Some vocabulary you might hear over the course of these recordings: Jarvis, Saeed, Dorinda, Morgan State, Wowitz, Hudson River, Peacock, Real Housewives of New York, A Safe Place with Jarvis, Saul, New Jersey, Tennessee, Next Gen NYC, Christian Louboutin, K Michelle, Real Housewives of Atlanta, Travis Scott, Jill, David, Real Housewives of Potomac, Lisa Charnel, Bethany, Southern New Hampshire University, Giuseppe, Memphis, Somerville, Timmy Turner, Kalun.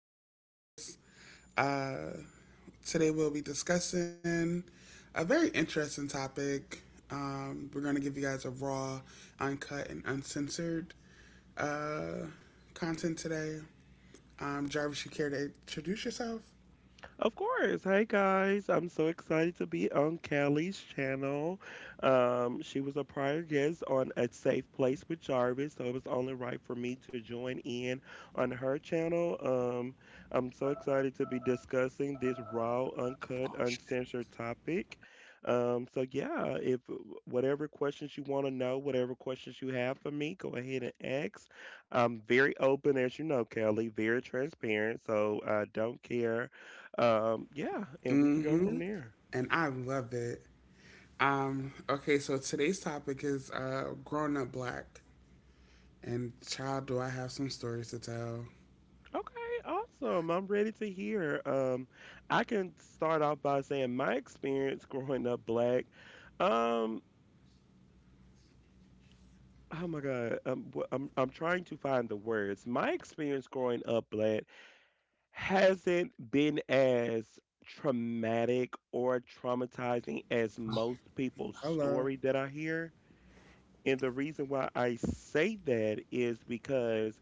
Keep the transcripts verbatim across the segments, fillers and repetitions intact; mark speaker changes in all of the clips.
Speaker 1: here with Jarvis. Uh, today we'll be discussing a very interesting topic. Um, we're going to give you guys a raw, uncut, and uncensored uh, content today. Um, Jarvis, you care to introduce yourself?
Speaker 2: Of course. Hey guys, I'm so excited to be on Kelly's channel. Um, she was a prior guest on A Safe Place with Jarvis, so it was only right for me to join in on her channel. Um, I'm so excited to be discussing this raw, uncut, uncensored topic. Um, so yeah, if whatever questions you want to know, whatever questions you have for me, go ahead and ask. I'm very open, as you know, Kelly, very transparent, so I don't care um, yeah, and we can go
Speaker 1: Mm-hmm.
Speaker 2: from there.
Speaker 1: And I love it. Um, okay, so today's topic is uh, grown up black. And child, do I have some stories to tell?
Speaker 2: Okay, awesome. I'm ready to hear. Um, I can start off by saying my experience growing up black. Um, oh my God, um, wh- I'm I'm trying to find the words. My experience growing up black hasn't been as traumatic or traumatizing as most people's
Speaker 1: Hello.
Speaker 2: story that I hear. And the reason why I say that is because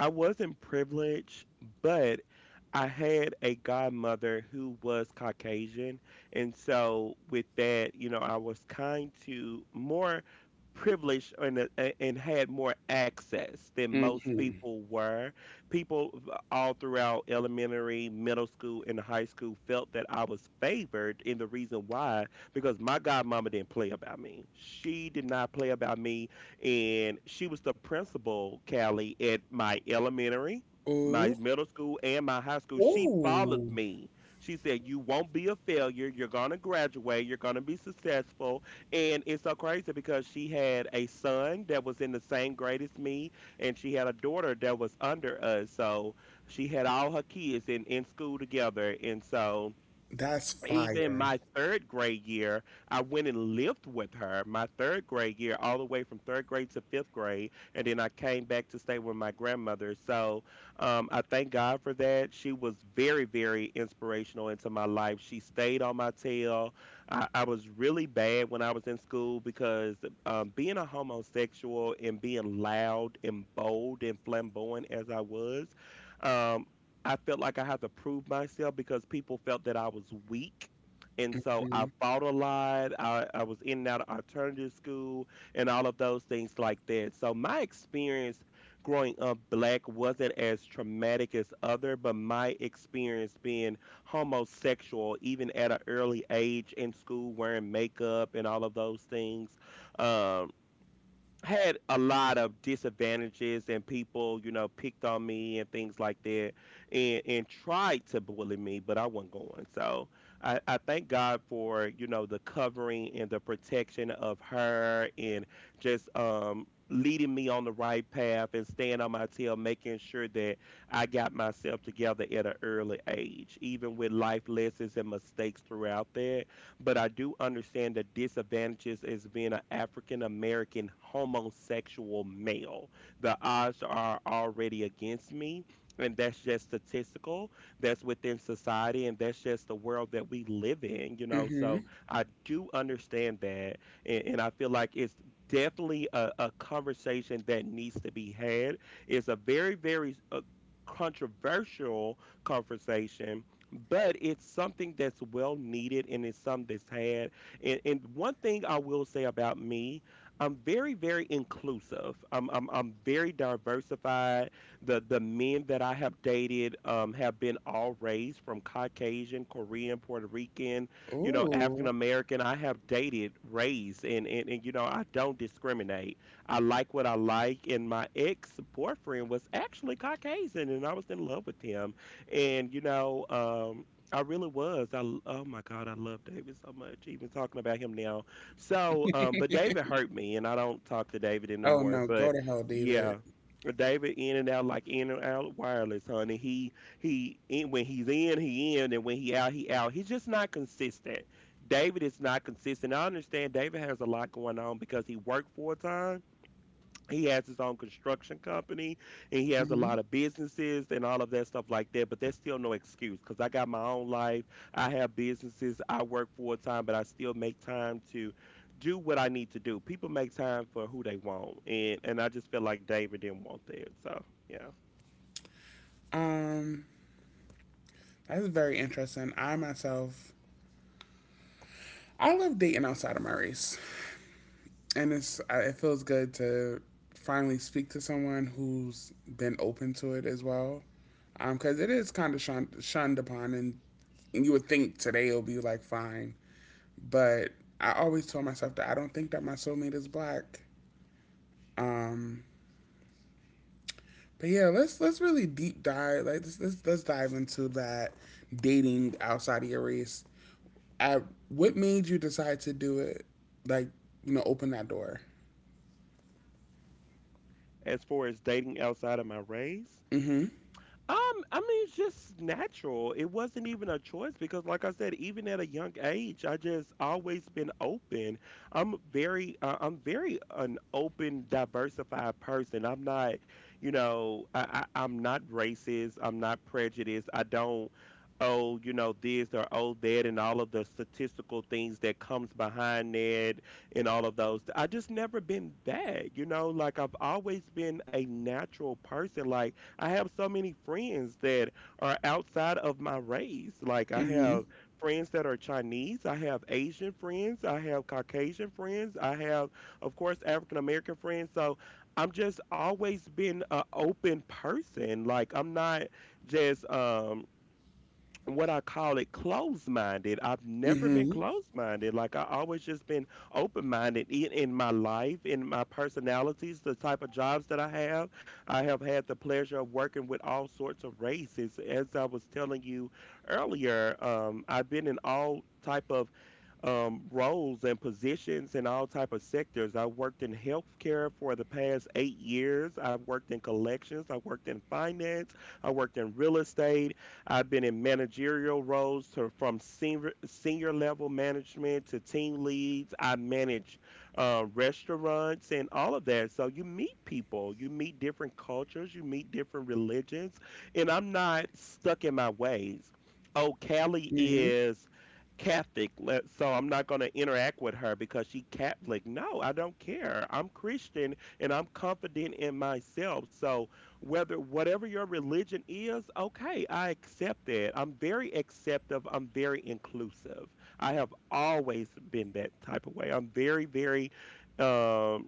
Speaker 2: I wasn't privileged, but I had a godmother who was Caucasian. And so, with that, you know, I was kind to more privileged and, uh, a- and had more access than most people were. People v- all throughout elementary, middle school, and high school felt that I was favored. And the reason why, because my godmama didn't play about me. She did not play about me. And she was the principal, Callie, at my elementary, my
Speaker 1: Ooh.
Speaker 2: middle school, and my high school. She followed
Speaker 1: Ooh,
Speaker 2: me. She said, "You won't be a failure. You're going to graduate. You're going to be successful." And it's so crazy because she had a son that was in the same grade as me, and she had a daughter that was under us. So she had all her kids in, in school together. And so
Speaker 1: that's
Speaker 2: even
Speaker 1: fire.
Speaker 2: my third grade year, I went and lived with her my third grade year, all the way from third grade to fifth grade. And then I came back to stay with my grandmother. So um, I thank God for that. She was very, very inspirational into my life. She stayed on my tail. I, I was really bad when I was in school because um, being a homosexual and being loud and bold and flamboyant as I was, um, I felt like I had to prove myself because people felt that I was weak. And so I
Speaker 1: mm
Speaker 2: fought a lot. I, I was in and out of alternative school and all of those things like that. So my experience growing up black wasn't as traumatic as other, but my experience being homosexual, even at an early age in school, wearing makeup and all of those things, um, had a lot of disadvantages and people, you know, picked on me and things like that and and tried to bully me, but I wasn't going. So I, I thank God for, you know, the covering and the protection of her and just um leading me on the right path and staying on my tail, making sure that I got myself together at an early age, even with life lessons and mistakes throughout that, but I do understand the disadvantages as being an African American homosexual male. The odds are already against me, and that's just statistical. That's within society, and that's just the world that we live in, you know. So
Speaker 1: mhm.
Speaker 2: I do understand that, and, and I feel like it's definitely a, a conversation that needs to be had. It's a very, very uh, controversial conversation, but it's something that's well needed and it's something that's had. And, and one thing I will say about me, I'm very, very inclusive. I'm, I'm, I'm very diversified. The the men that I have dated um, have been all race, from Caucasian, Korean, Puerto Rican, you know, African
Speaker 1: Ooh.
Speaker 2: American. I have dated race and, and, and, you know, I don't discriminate. I like what I like. And my ex boyfriend was actually Caucasian and I was in love with him and you know, um, I really was. I l- oh my God, I love David so much. Even talking about him now. So, um, but David hurt me, and I don't talk to David
Speaker 1: Oh,
Speaker 2: anymore.
Speaker 1: no, go
Speaker 2: But
Speaker 1: to hell, David.
Speaker 2: yeah. David in and out like in and out wireless, honey. He he in when he's in, he in, and when he out, he out. He's just not consistent. David is not consistent. I understand David has a lot going on because he worked full time, he has his own construction company, and he has a
Speaker 1: Mhm.
Speaker 2: lot of businesses and all of that stuff like that, but that's still no excuse because I got my own life. I have businesses, I work full-time, but I still make time to do what I need to do. People make time for who they want, and and I just feel like David didn't want that, so yeah.
Speaker 1: Um, that's very interesting. I myself, I love dating outside of my race, and it's I- it feels good to finally speak to someone who's been open to it as well, um, because it is kind of shunned, shunned upon, and, and you would think today it'll be like fine, but I always told myself that I don't think that my soulmate is black. Um, But yeah, let's let's really deep dive. Like let's, let's let's dive into that dating outside of your race. At what made you decide to do it? Like you know, open that door.
Speaker 2: As far as dating outside of my race, Um, I mean, it's just natural. It wasn't even a choice because, like I said, even at a young age, I just always been open. I'm very, uh, I'm very an open, diversified person. I'm not, you know, I, I, I'm not racist. I'm not prejudiced. I don't, oh, you know, this or oh that, and all of the statistical things that comes behind that, and all of those. I just never been that, you know. Like I've always been a natural person. Like. I have so many friends that are outside of my race. Like I
Speaker 1: Mhm.
Speaker 2: have friends that are Chinese, I have Asian friends, I have Caucasian friends, I have of course African American friends. So I'm just always been a open person. Like I'm not just um what I call it closed minded. I've never been
Speaker 1: Mhm.
Speaker 2: closed minded. Like I always just been open minded in, in my life, in my personalities, the type of jobs that I have. I have had the pleasure of working with all sorts of races. As I was telling you earlier, um, I've been in all type of um, roles and positions in all type of sectors. I worked in healthcare for the past eight years. I've worked in collections. I worked in finance. I worked in real estate. I've been in managerial roles to, from senior senior level management to team leads. I manage uh, restaurants and all of that. So you meet people, you meet different cultures, you meet different religions, and I'm not stuck in my ways. Oh, Cali
Speaker 1: Mhm.
Speaker 2: is Catholic, le- so I'm not going to interact with her because she Catholic. No, I don't care. I'm Christian and I'm confident in myself. So whether whatever your religion is, okay, I accept that. I'm very acceptive. I'm very inclusive. I have always been that type of way. I'm very, very um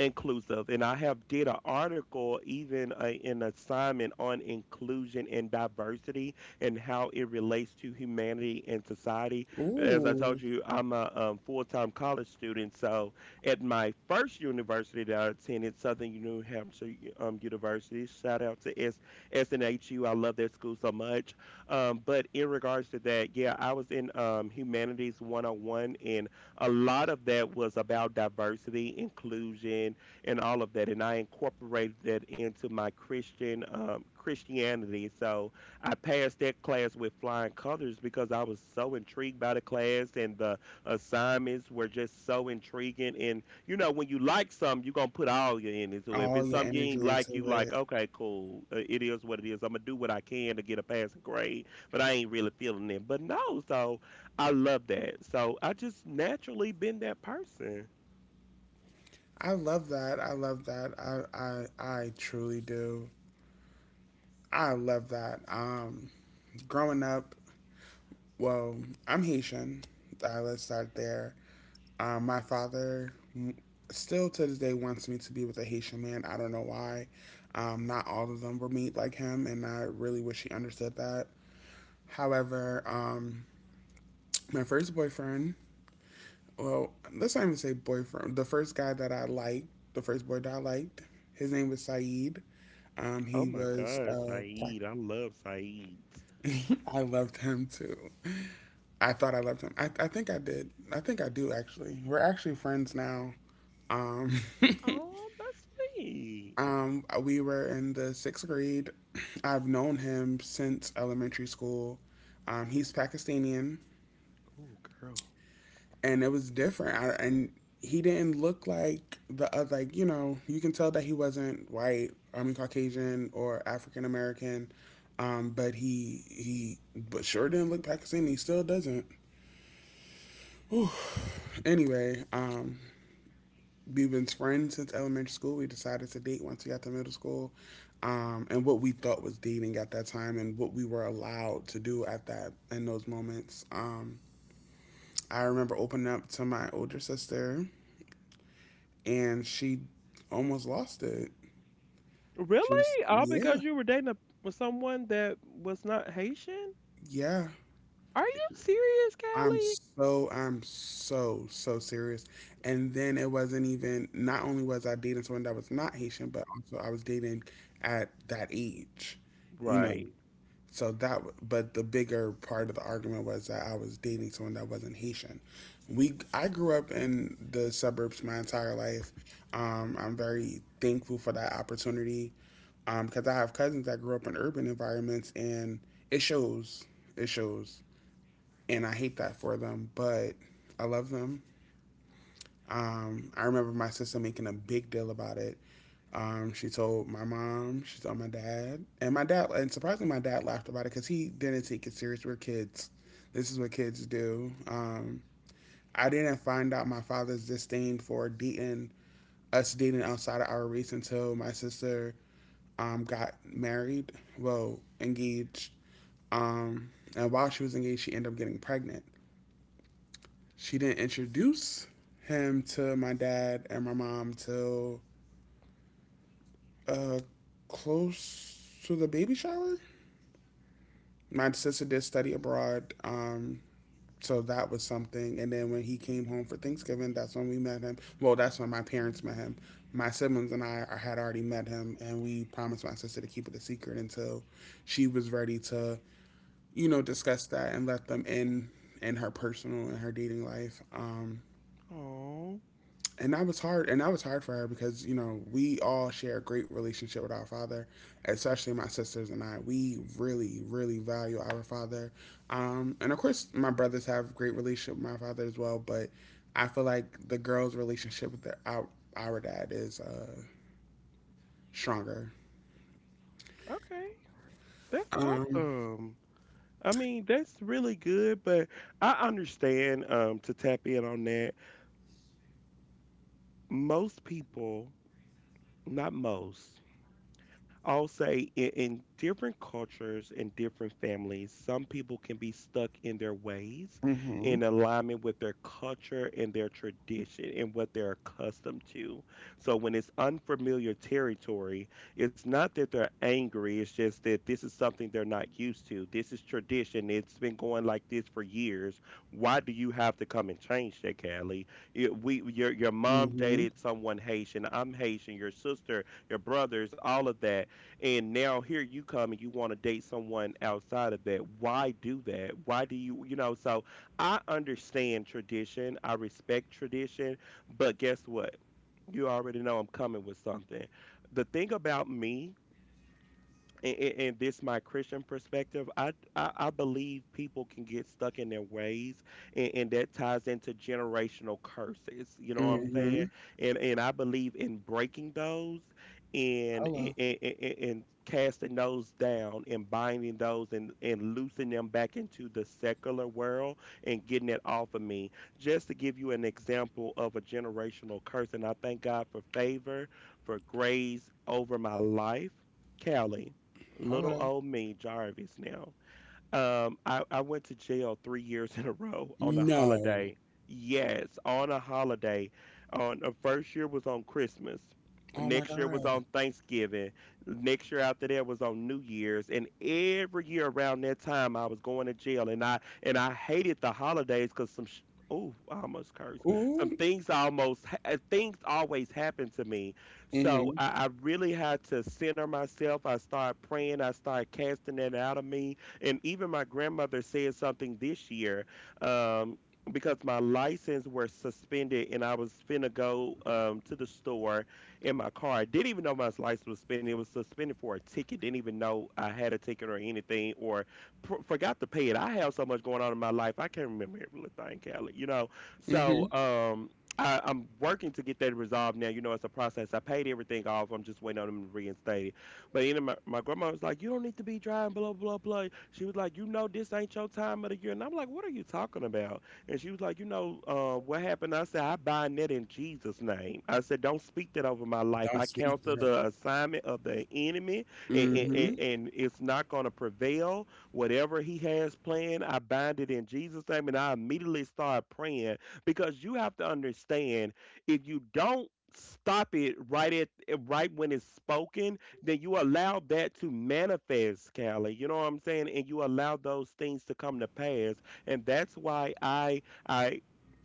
Speaker 2: inclusive, and I have did an article, even uh, an assignment on inclusion and diversity and how it relates to humanity and society. As I told
Speaker 1: Ooh,
Speaker 2: you, I'm a um, full-time college student, so at my first university that I attended, Southern New Hampshire um, University, shout out to S- SNHU, I love that school so much. Um, but in regards to that, yeah, I was in um, humanities one oh one, and a lot of that was about diversity, inclusion, and all of that. And I incorporated that into my Christian um, Christianity. So I passed that class with flying colors because I was so intrigued by the class, and the assignments were just so intriguing. And you know, when you like something, you're gonna put all your energy. So if
Speaker 1: all
Speaker 2: it's
Speaker 1: your
Speaker 2: something you ain't
Speaker 1: energy
Speaker 2: like, you
Speaker 1: into
Speaker 2: like,
Speaker 1: it.
Speaker 2: okay, cool, uh, it is what it is. I'm gonna do what I can to get a passing grade, but I ain't really feeling it. But no, so I love that. So I just naturally been that person.
Speaker 1: I love that. I love that. I I I truly do. I love that. Um, growing up, well, I'm Haitian. Uh, let's start there. Um, my father still to this day wants me to be with a Haitian man. I don't know why. Um, not all of them were made like him, and I really wish he understood that. However, um, my first boyfriend, well, let's not even say boyfriend, the first guy that I liked, the first boy that I liked, his name was Saeed. Um,
Speaker 2: Oh
Speaker 1: he
Speaker 2: my
Speaker 1: was
Speaker 2: God,
Speaker 1: uh, black.
Speaker 2: Saeed. I love Saeed.
Speaker 1: I loved him too. I thought I loved him. I, I think I did. I think I do actually. We're actually friends now. Um,
Speaker 2: Oh, that's sweet.
Speaker 1: Um, we were in the sixth grade. I've known him since elementary school. Um, he's Pakistani,
Speaker 2: Oh, girl.
Speaker 1: and it was different. I, and he didn't look like the other, like you know, you can tell that he wasn't white. I mean, Caucasian or African American. Um, but he he, but sure didn't look Pakistani. He still doesn't. Anyway, um, we've been friends since elementary school. We decided to date once we got to middle school, um, and what we thought was dating at that time, and what we were allowed to do at that in those moments. Um, I remember opening up to my older sister, and she almost lost it. She was,
Speaker 2: Really? All because
Speaker 1: yeah,
Speaker 2: you were dating a, with someone that was not Haitian?
Speaker 1: yeah.
Speaker 2: Are you serious,
Speaker 1: I'm
Speaker 2: Callie?
Speaker 1: so, I'm so, so serious. And then it wasn't even, not only was I dating someone that was not Haitian, but also I was dating at that age, you know.
Speaker 2: Right.
Speaker 1: So that, but the bigger part of the argument was that I was dating someone that wasn't Haitian. We I grew up in the suburbs my entire life. Um, I'm very thankful for that opportunity because um, I have cousins that grew up in urban environments and it shows it shows, and I hate that for them, but I love them. Um, I remember my sister making a big deal about it. Um, she told my mom, she told my dad, and my dad, and surprisingly, my dad laughed about it because he didn't take it serious. We're kids. This is what kids do. Um, I didn't find out my father's disdain for dating us dating outside of our race until my sister um, got married, well, engaged. Um, and while she was engaged, she ended up getting pregnant. She didn't introduce him to my dad and my mom till uh, close to the baby shower. My sister did study abroad. Um, so that was something. And then when he came home for Thanksgiving, that's when we met him. Well, that's when my parents met him. My siblings and I had already met him, and we promised my sister to keep it a secret until she was ready to, you know, discuss that and let them in in her personal and her dating life. Um,
Speaker 2: Oh,
Speaker 1: and that was hard and that was hard for her because you know we all share a great relationship with our father, especially my sisters and I. We really really value our father. Um, and of course my brothers have a great relationship with my father as well, but I feel like the girls relationship with their, our, our dad is uh, stronger.
Speaker 2: okay. That's
Speaker 1: Um,
Speaker 2: awesome. I mean, that's really good, but I understand um to tap in on that. Most people, not most, I'll say in, in different cultures and different families, some people can be stuck in their ways
Speaker 1: mm-hmm,
Speaker 2: in alignment with their culture and their tradition and what they're accustomed to. So when it's unfamiliar territory, it's not that they're angry, it's just that this is something they're not used to. This is tradition. It's been going like this for years. Why do you have to come and change that, Callie? Y- We, your, your mom
Speaker 1: mm-hmm,
Speaker 2: dated someone Haitian. I'm Haitian. Your sister, your brothers, all of that. And now here you come and you want to date someone outside of that. Why do that? Why do you, you know? So I understand tradition, I respect tradition, but guess what? You already know I'm coming with something. The thing about me and, and and this my Christian perspective, I, I I believe people can get stuck in their ways, and, and that ties into generational curses. You know what I'm
Speaker 1: mm-hmm.
Speaker 2: saying? And and I believe in breaking those, and and,
Speaker 1: Hello.
Speaker 2: and, and- and casting those down, and binding those, and and loosing them back into the secular world, and getting it off of me. Just to give you an example of a generational curse, and I thank God for favor, for grace over my life, Callie. Little
Speaker 1: Hello.
Speaker 2: old me, Jarvis now. Um, I, I went to jail three years in a row on a
Speaker 1: No.
Speaker 2: holiday. Yes, on a holiday. On the first year was on Christmas.
Speaker 1: Oh my
Speaker 2: Next year was
Speaker 1: god.
Speaker 2: on Thanksgiving. Next year after that was on New Year's. And every year around that time, I was going to jail. And I and I hated the holidays because some sh- oh, I almost cursed. Some
Speaker 1: Ooh.
Speaker 2: things almost ha- uh, things always happen to me. So
Speaker 1: Mm-hmm,
Speaker 2: I, I really had to center myself. I started praying. I started casting that out of me, and even my grandmother said something this year, um, because my license was suspended and I was finna go um, to the store in my car. I didn't even know my license was suspended. It was suspended for a ticket. Didn't even know I had a ticket or anything, or pr- forgot to pay it. I have so much going on in my life. I can't remember every little thing, Callie, you know. So,
Speaker 1: mm-hmm.
Speaker 2: um, I, I'm working to get that resolved now. You know, it's a process. I paid everything off. I'm just waiting on them to reinstate it. But you know, my, my grandma was like, "You don't need to be driving, blah blah blah." She was like, "You know, this ain't your time of the year," and I'm like, "What are you talking about?" And she was like, "You know, uh, what happened?" I said, "I bind that in Jesus' name." I said, "Don't speak that over my life.
Speaker 1: Don't
Speaker 2: I
Speaker 1: speak
Speaker 2: counsel
Speaker 1: that.
Speaker 2: the assignment of the enemy, and, and,
Speaker 1: Mm-hmm.
Speaker 2: and it's not going to prevail. Whatever he has planned, I bind it in Jesus' name." And I immediately start praying, because you have to understand, if you don't stop it right at right when it's spoken, then you allow that to manifest, Callie. You know what I'm saying? And you allow those things to come to pass. And that's why I I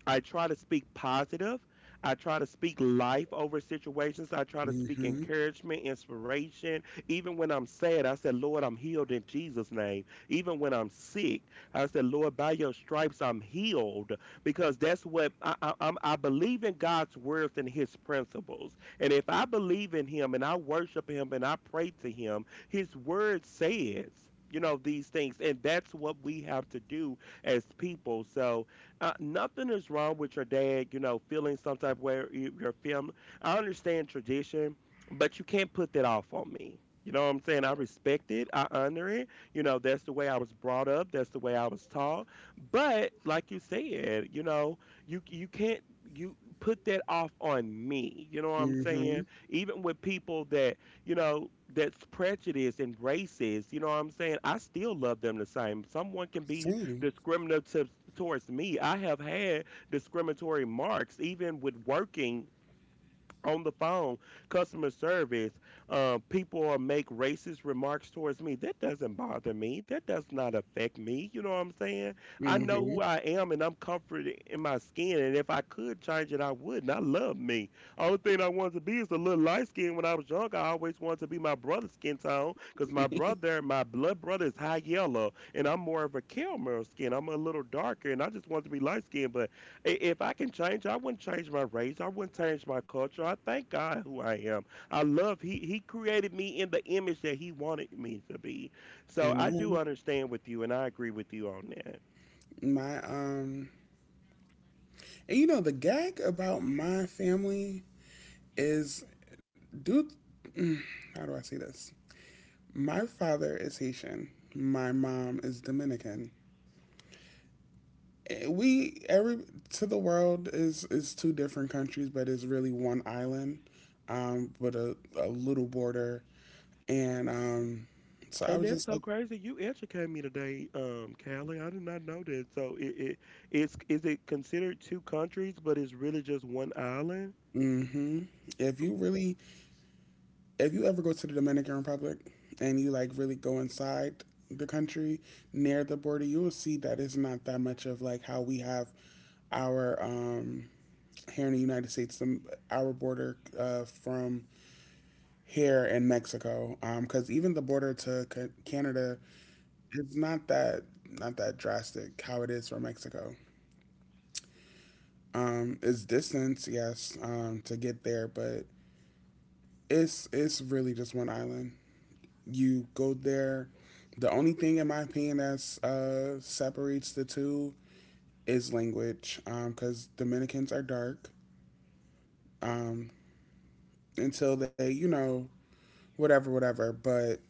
Speaker 2: I try to speak positive. I try to speak life over situations. I try to speak
Speaker 1: Mm-hmm.
Speaker 2: encouragement, inspiration. Even when I'm sad, I said, Lord, I'm healed in Jesus' name. Even when I'm sick, I said, Lord, by your stripes, I'm healed. Because that's what I, I, I'm, I believe in God's words and his principles. And if I believe in him and I worship him and I pray to him, his word says, you know, these things. And that's what we have to do as people. So, uh, nothing is wrong with your dad, you know, feeling some type of way, or you- your family. I understand tradition, but you can't put that off on me. You know what I'm saying? I respect it. I honor it. You know, that's the way I was brought up. That's the way I was taught. But like you said, you know, you you can't you put that off on me. You know what I'm saying?
Speaker 1: Mm-hmm.
Speaker 2: Even with people that, you know, that's prejudiced and racist. You know what I'm saying? I still love them the same. Someone can be
Speaker 1: Same.
Speaker 2: discriminative towards me. I have had discriminatory marks even with working on the phone, customer service, uh, people are make racist remarks towards me. That doesn't bother me. That does not affect me. You know what I'm saying? I know
Speaker 1: Mm-hmm.
Speaker 2: who I am and I'm comforted in my skin. And if I could change it, I would. And I love me. Only thing I wanted to be is a little light skin when I was younger. I always wanted to be my brother's skin tone, because my brother, my blood brother, is high yellow. And I'm more of a caramel skin. I'm a little darker and I just wanted to be light skinned. But I- if I can change, I wouldn't change my race. I wouldn't change my culture. I thank God who I am. I love He He created me in the image that He wanted me to be. So I do
Speaker 1: Amen.
Speaker 2: understand with you, and I agree with you on that.
Speaker 1: My um, and you know the gag about my family is, dude, how do I say this? My father is Haitian. My mom is Dominican. Eh, We every To the world is is two different countries, but it's really one island, um, with a, a little border. And um, so I
Speaker 2: And
Speaker 1: was just
Speaker 2: that's
Speaker 1: like,
Speaker 2: so crazy. You educate me today, um, Callie. I did not know that. So it, it it's, is it considered two countries, but it's really just one island?
Speaker 1: mm-hmm. If you really, if you ever go to the Dominican Republic and you like really go inside the country near the border, you will see that it's not that much of like how we have our um, here in the United States, the, our border uh, from here in Mexico, because um, even the border to Ca- Canada is not that, not that drastic how it is for Mexico. Um, it's distance, yes, um, to get there, but it's it's really just one island. You go there. The only thing, in my opinion, that uh, separates the two is language, because um, Dominicans are dark um, until they, you know, whatever, whatever. But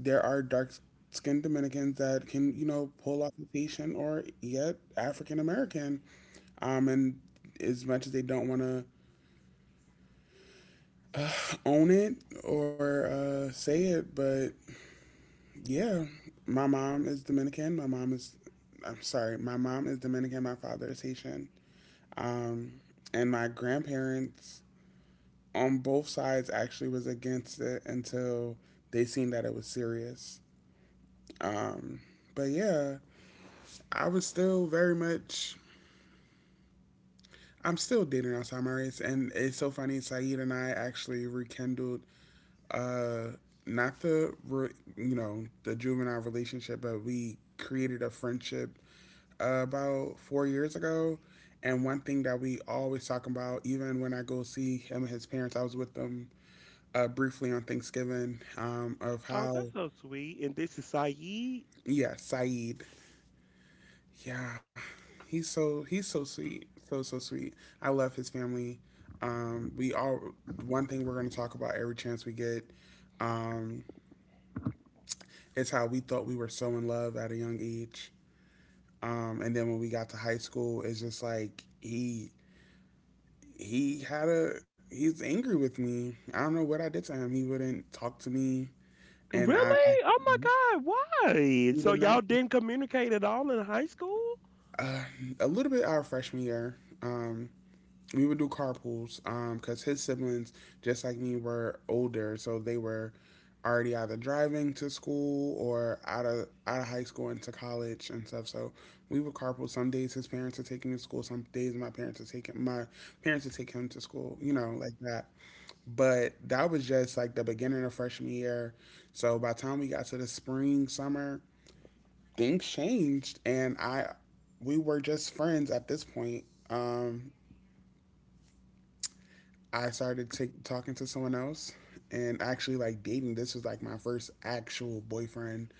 Speaker 1: there are dark skinned Dominicans that can, you know, pull off the Haitian or yet African American. Um, and as much as they don't want to own it or uh, say it, but yeah, my mom is Dominican. My mom is, I'm sorry, my mom is Dominican. My father is Haitian. Um, and my grandparents on both sides actually was against it until they seen that it was serious. Um, but yeah, I was still very much. I'm still dating outside my race, and it's so funny. Saeed and I actually rekindled, uh, not the re- you know the juvenile relationship, but we created a friendship uh, about four years ago. And one thing that we always talk about, even when I go see him and his parents, I was with them uh, briefly on Thanksgiving, um, of
Speaker 2: Oh,
Speaker 1: how,
Speaker 2: that's so sweet, and this is Saeed?
Speaker 1: yeah, Saeed, yeah, he's so he's so sweet, so so sweet. I love his family. Um, we all one thing we're going to talk about every chance we get um, is how we thought we were so in love at a young age. Um, and then when we got to high school, it's just like he he had a he's angry with me. I don't know what I did to him. He wouldn't talk to me, and I, I
Speaker 2: Really? Oh my God, why?
Speaker 1: he
Speaker 2: So
Speaker 1: would not.
Speaker 2: y'all didn't communicate at all in high school?
Speaker 1: Uh, a little bit our freshman year, um, we would do carpools um, because his siblings, just like me, were older, so they were already either driving to school or out of out of high school into college and stuff. So we would carpool. Some days his parents would take me to school. Some days my parents would take him, my parents would take him to school. You know, like that. But that was just like the beginning of freshman year. So by the time we got to the spring, summer, things changed and I we were just friends at this point. Um, I started t- talking to someone else and actually like dating. This was like my first actual boyfriend.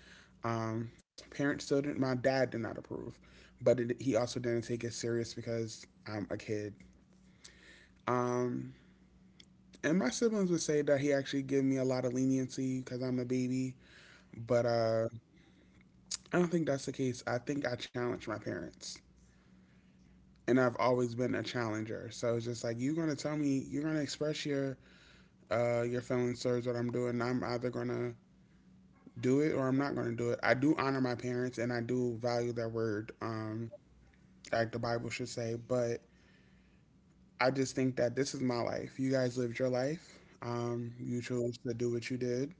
Speaker 1: Um, parents still didn't. My dad did not approve, but it, he also didn't take it serious because I'm a kid. Um, and my siblings would say that he actually gave me a lot of leniency because I'm a baby. But uh, I don't think that's the case. I think I challenged my parents. And I've always been a challenger. So it's just like you're gonna tell me, you're gonna express your uh your feelings towards what I'm doing. I'm either gonna do it or I'm not gonna do it. I do honor my parents and I do value their word, um, like the Bible should say, but I just think that this is my life. You guys lived your life. Um, you chose to do what you did,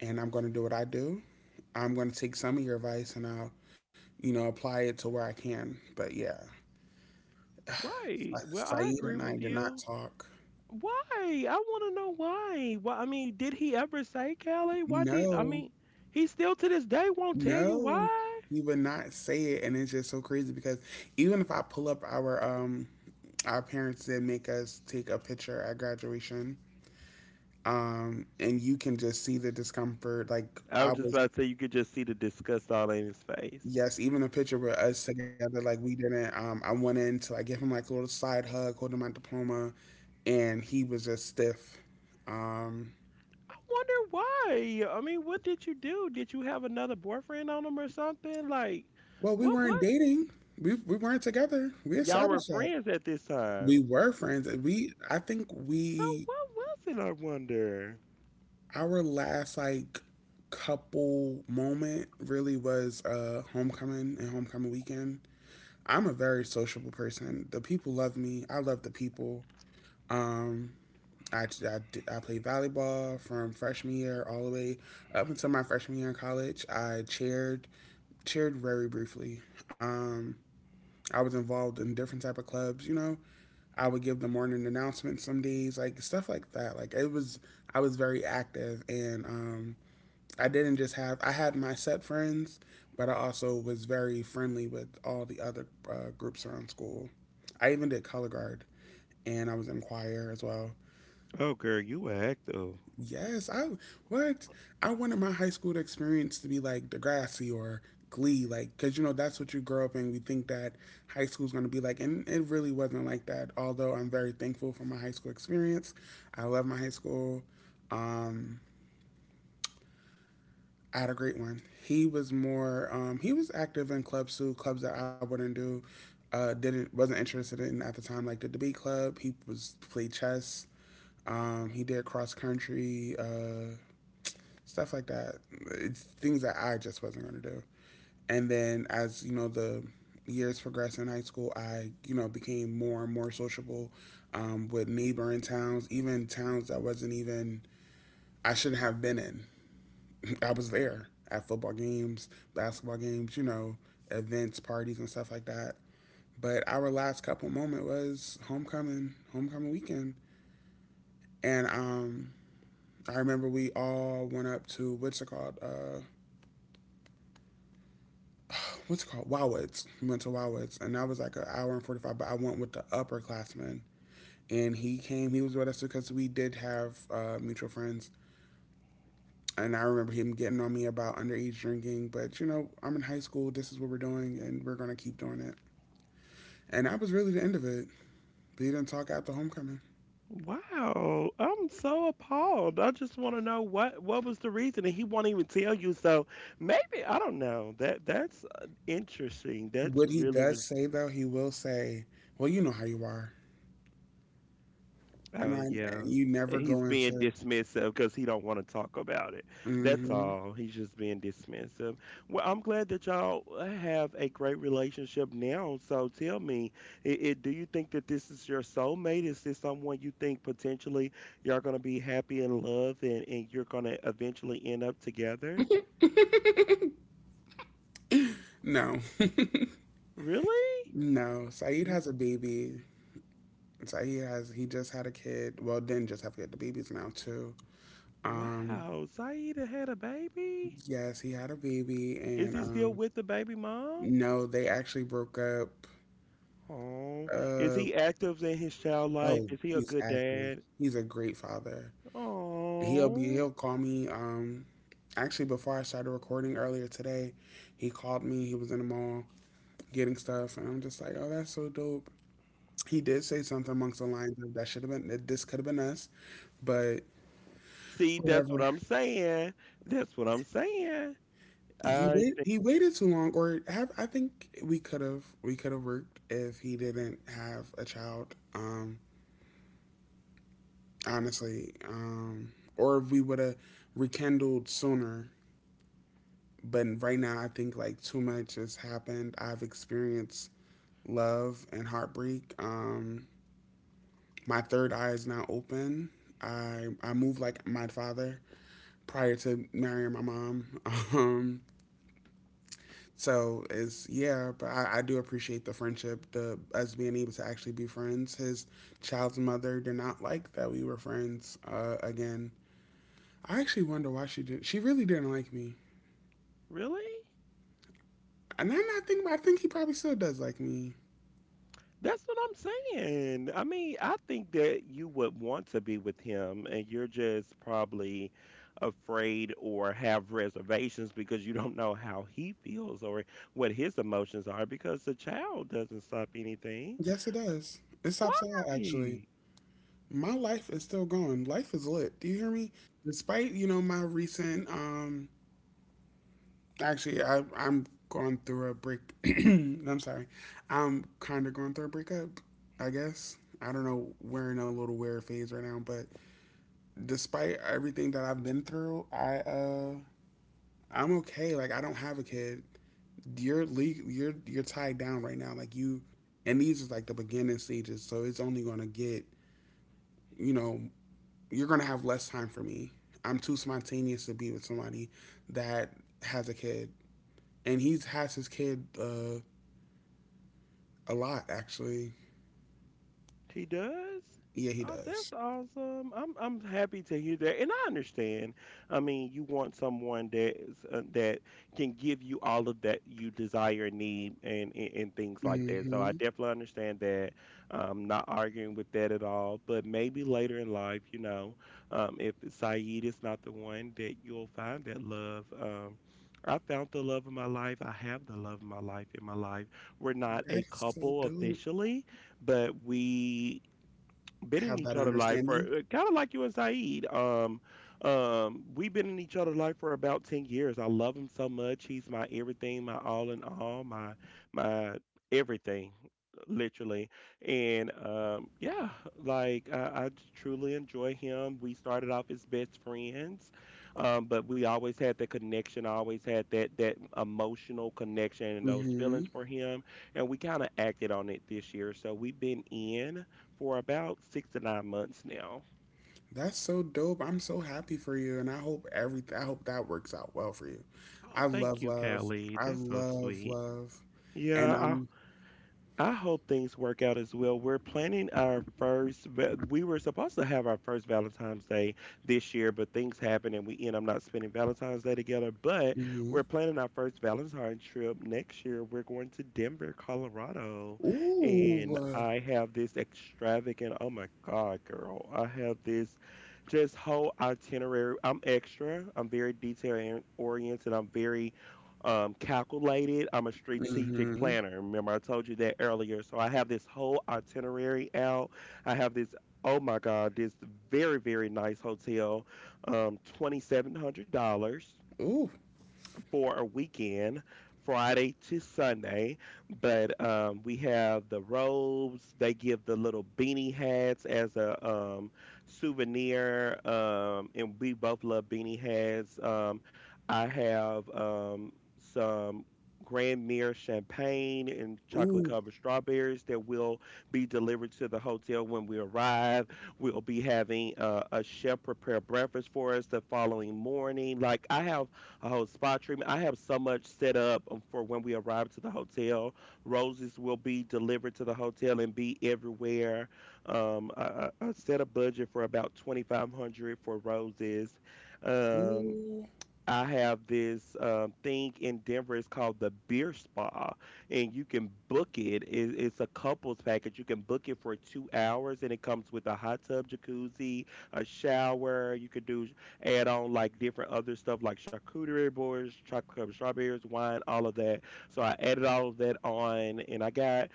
Speaker 1: and I'm going to do what I do. I'm going to take some of your advice and I'll, you know, apply it to where I can. But yeah,
Speaker 2: Right.
Speaker 1: Uh,
Speaker 2: Well, I
Speaker 1: Saeed
Speaker 2: agree
Speaker 1: and I
Speaker 2: with
Speaker 1: did not
Speaker 2: you.
Speaker 1: talk.
Speaker 2: Why? I want to know why. Why? I mean, did he ever say, Kelly? Why did, I
Speaker 1: No,
Speaker 2: mean, he still to this day won't tell you
Speaker 1: no,
Speaker 2: why?
Speaker 1: he would not say it, and it's just so crazy because even if I pull up our um, our parents did make us take a picture at graduation, um, and you can just see the discomfort. Like
Speaker 2: I
Speaker 1: I
Speaker 2: was just
Speaker 1: was,
Speaker 2: about to say you could just see the disgust all in his face.
Speaker 1: yes, even a picture with us together. Like we didn't. Um, I went in to like give him like a little side hug, holding my diploma, and he was just stiff. Um,
Speaker 2: I wonder why. I mean, what did you do? Did you have another boyfriend on him or something? Like,
Speaker 1: well, we
Speaker 2: what
Speaker 1: weren't
Speaker 2: was?
Speaker 1: dating. We we weren't together. We
Speaker 2: Y'all were
Speaker 1: established that.
Speaker 2: friends at this
Speaker 1: We
Speaker 2: time.
Speaker 1: were friends, and we I think
Speaker 2: So
Speaker 1: we
Speaker 2: what was it? I wonder.
Speaker 1: our last like couple moment really was uh homecoming and homecoming weekend. I'm a very sociable person. The people love me. I love the people. Um I, I, did- I played volleyball from freshman year all the way up until my freshman year in college. I chaired chaired very briefly. Um, I was involved in different type of clubs, you know. I would give the morning announcement some days, like stuff like that. Like it was, I was very active, and um, I didn't just have. I had my set friends, but I also was very friendly with all the other uh, groups around school. I even did color guard, and I was in choir as well.
Speaker 2: Oh, girl, you a hack though.
Speaker 1: Yes, I what I wanted my high school experience to be like Degrassi or Glee, like because you know that's what you grow up in. We think that high school is going to be like, and it really wasn't like that. Although I'm very thankful for my high school experience, I love my high school. Um, I had a great one. He was more, um, he was active in clubs too, clubs that I wouldn't do. Uh, didn't wasn't interested in at the time, like the debate club. He was played chess. Um, he did cross country. Uh, stuff like that. It's things that I just wasn't going to do. And then as you know, the years progressed in high school, I you know became more and more sociable um, with neighboring towns, even towns that wasn't even I shouldn't have been in. I was there at football games, basketball games, you know, events, parties, and stuff like that. But our last couple moment was homecoming, homecoming weekend, and um, I remember we all went up to what's it called, uh, what's it called Wowitz. We went to Wowitz, and that was like an hour and forty-five. But I went with the upperclassman, and he came. He was with us because we did have uh, mutual friends, and I remember him getting on me about underage drinking. But you know, I'm in high school. This is what we're doing, and we're gonna keep doing it. And that was really the end of it. But he didn't talk after homecoming.
Speaker 2: Wow, I'm so appalled. I just want to know what what was the reason, and he won't even tell you. So maybe I don't know. That that's uh, interesting. That's
Speaker 1: What he
Speaker 2: really
Speaker 1: does
Speaker 2: really.
Speaker 1: say though, he will say, "Well, you know how you are," and
Speaker 2: Oh
Speaker 1: I and
Speaker 2: yeah.
Speaker 1: you never
Speaker 2: He's
Speaker 1: go
Speaker 2: being
Speaker 1: into.
Speaker 2: dismissive because he don't want to talk about it. That's
Speaker 1: Hmm.
Speaker 2: all. He's just being dismissive. Well, I'm glad that y'all uh, have a great relationship now. So tell me, it, it, do you think that this is your soulmate? Is this someone you think potentially y'all gonna be happy in love, and, and you're gonna eventually end up together?
Speaker 1: No,
Speaker 2: Really?
Speaker 1: no. Saeed
Speaker 2: You
Speaker 1: has a baby. So he has he just had a kid. Well, didn't just have a kid. The baby's now too. Um,
Speaker 2: wow, Saida had a baby?
Speaker 1: yes, he had a baby,
Speaker 2: Is
Speaker 1: and
Speaker 2: he still
Speaker 1: um,
Speaker 2: with the baby mom?
Speaker 1: no, they actually broke up.
Speaker 2: Oh, is
Speaker 1: Uh,
Speaker 2: he active in his child life?
Speaker 1: oh,
Speaker 2: Is he a
Speaker 1: he's
Speaker 2: good
Speaker 1: active.
Speaker 2: dad?
Speaker 1: He's a great father. He'll be
Speaker 2: Oh,
Speaker 1: he'll call me. Um, actually, before I started recording earlier today, he called me. He was in the mall getting stuff, and I'm just like, oh, that's so dope. He did say something amongst the lines of that should have been that this could have been us, but
Speaker 2: see, that's
Speaker 1: whatever.
Speaker 2: what I'm saying. That's what I'm saying.
Speaker 1: He
Speaker 2: I
Speaker 1: wait he waited too long, or have I think we could have we could have worked if he didn't have a child, um honestly, um or if we would have rekindled sooner, but right now I think like too much has happened. I've experienced love and heartbreak. Um my third eye is now open. I I moved like my father prior to marrying my mom. um So it's yeah, but I, I do appreciate the friendship, the us being able to actually be friends. His child's mother did not like that we were friends, uh, again. I actually wonder why she did. She really didn't like me.
Speaker 2: really?
Speaker 1: And now that I think about it, I think he probably still does like me.
Speaker 2: That's what I'm saying. I mean, I think that you would want to be with him, and you're just probably afraid or have reservations because you don't know how he feels or what his emotions are, because the child doesn't stop anything.
Speaker 1: Yes, it does. It stops a lot actually.
Speaker 2: Why?
Speaker 1: My life is still going. Life is lit. Do you hear me? Despite you know my recent um actually, I, I'm going through a break. I'm sorry. I'm kind of going through a breakup, I guess. I don't know. We're in a little weird phase right now, but despite everything that I've been through, I uh, I'm okay. Like I don't have a kid. You're le- you're you're tied down right now. Like you, and these is like the beginning stages. So it's only gonna get you know you're gonna have less time for me. I'm too spontaneous to be with somebody that has a kid, and he's has his kid. Uh, A lot, actually.
Speaker 2: He does?
Speaker 1: Yeah, he
Speaker 2: Oh, that's
Speaker 1: does.
Speaker 2: awesome. I'm I'm happy to hear that. And I understand. I mean, you want someone that is, uh, that can give you all of that you desire and need, and, and and things like that. So I
Speaker 1: Mm-hmm.
Speaker 2: definitely understand that. I'm not arguing with that at all, but maybe later in life, you know, um if Saeed is not the one, that you'll find that love. um I found the love of my life. I have the love of my life in my life. We're not a
Speaker 1: That is so
Speaker 2: couple
Speaker 1: dope.
Speaker 2: officially, but we been in
Speaker 1: Have
Speaker 2: each
Speaker 1: that
Speaker 2: other's life for
Speaker 1: understanding.
Speaker 2: kind of like you and Saeed. Um, um, we've been in each other's life for about ten years. I love him so much. He's my everything, my all in all, my my everything, literally. And um, yeah, like I, I j- truly enjoy him. We started off as best friends, um, but we always had that connection. I always had that that emotional connection and those feelings
Speaker 1: Mm-hmm.
Speaker 2: for him, and we kind of acted on it this year. So we've been in for about six to nine months now.
Speaker 1: That's so dope. I'm so happy for you, and I hope every I hope that works out well for you.
Speaker 2: Oh,
Speaker 1: I
Speaker 2: thank
Speaker 1: love
Speaker 2: you,
Speaker 1: love.
Speaker 2: Callie.
Speaker 1: I
Speaker 2: That's so
Speaker 1: love
Speaker 2: sweet.
Speaker 1: love, and
Speaker 2: Yeah,
Speaker 1: I'm.
Speaker 2: I hope things work out as well. We're planning our first, va- we were supposed to have our first Valentine's Day this year, but things happened and we end up not spending Valentine's Day together. But
Speaker 1: Mm-hmm.
Speaker 2: we're planning our first Valentine's trip next year. We're going to Denver, Colorado. And
Speaker 1: Ooh.
Speaker 2: I have this extravagant, oh my God, girl. I have this just whole itinerary. I'm extra, I'm very detail oriented, I'm very um, calculated. I'm a strategic
Speaker 1: Mm-hmm.
Speaker 2: planner. Remember, I told you that earlier. So I have this whole itinerary out. I have this, oh my God, this very, very nice hotel, um, twenty seven hundred dollars
Speaker 1: Ooh.
Speaker 2: for a weekend, Friday to Sunday. But um, we have the robes. They give the little beanie hats as a um, souvenir, um, and we both love beanie hats. Um, I have um, some Grand Mire champagne and chocolate
Speaker 1: Ooh.
Speaker 2: covered strawberries that will be delivered to the hotel when we arrive. We'll be having uh, a chef prepare breakfast for us the following morning. Like I have a whole spa treatment. I have so much set up um, for when we arrive to the hotel. Roses will be delivered to the hotel and be everywhere. Um, I, I I set a budget for about twenty five hundred for roses. Um,
Speaker 1: Ooh.
Speaker 2: I have this um, thing in Denver. It's called the Beer Spa, and you can book it. it. It's a couples package. You can book it for two hours, and it comes with a hot tub, jacuzzi, a shower. You can do add on like different other stuff like charcuterie boards, chocolate strawberries, wine, all of that. So I added all of that on, and I got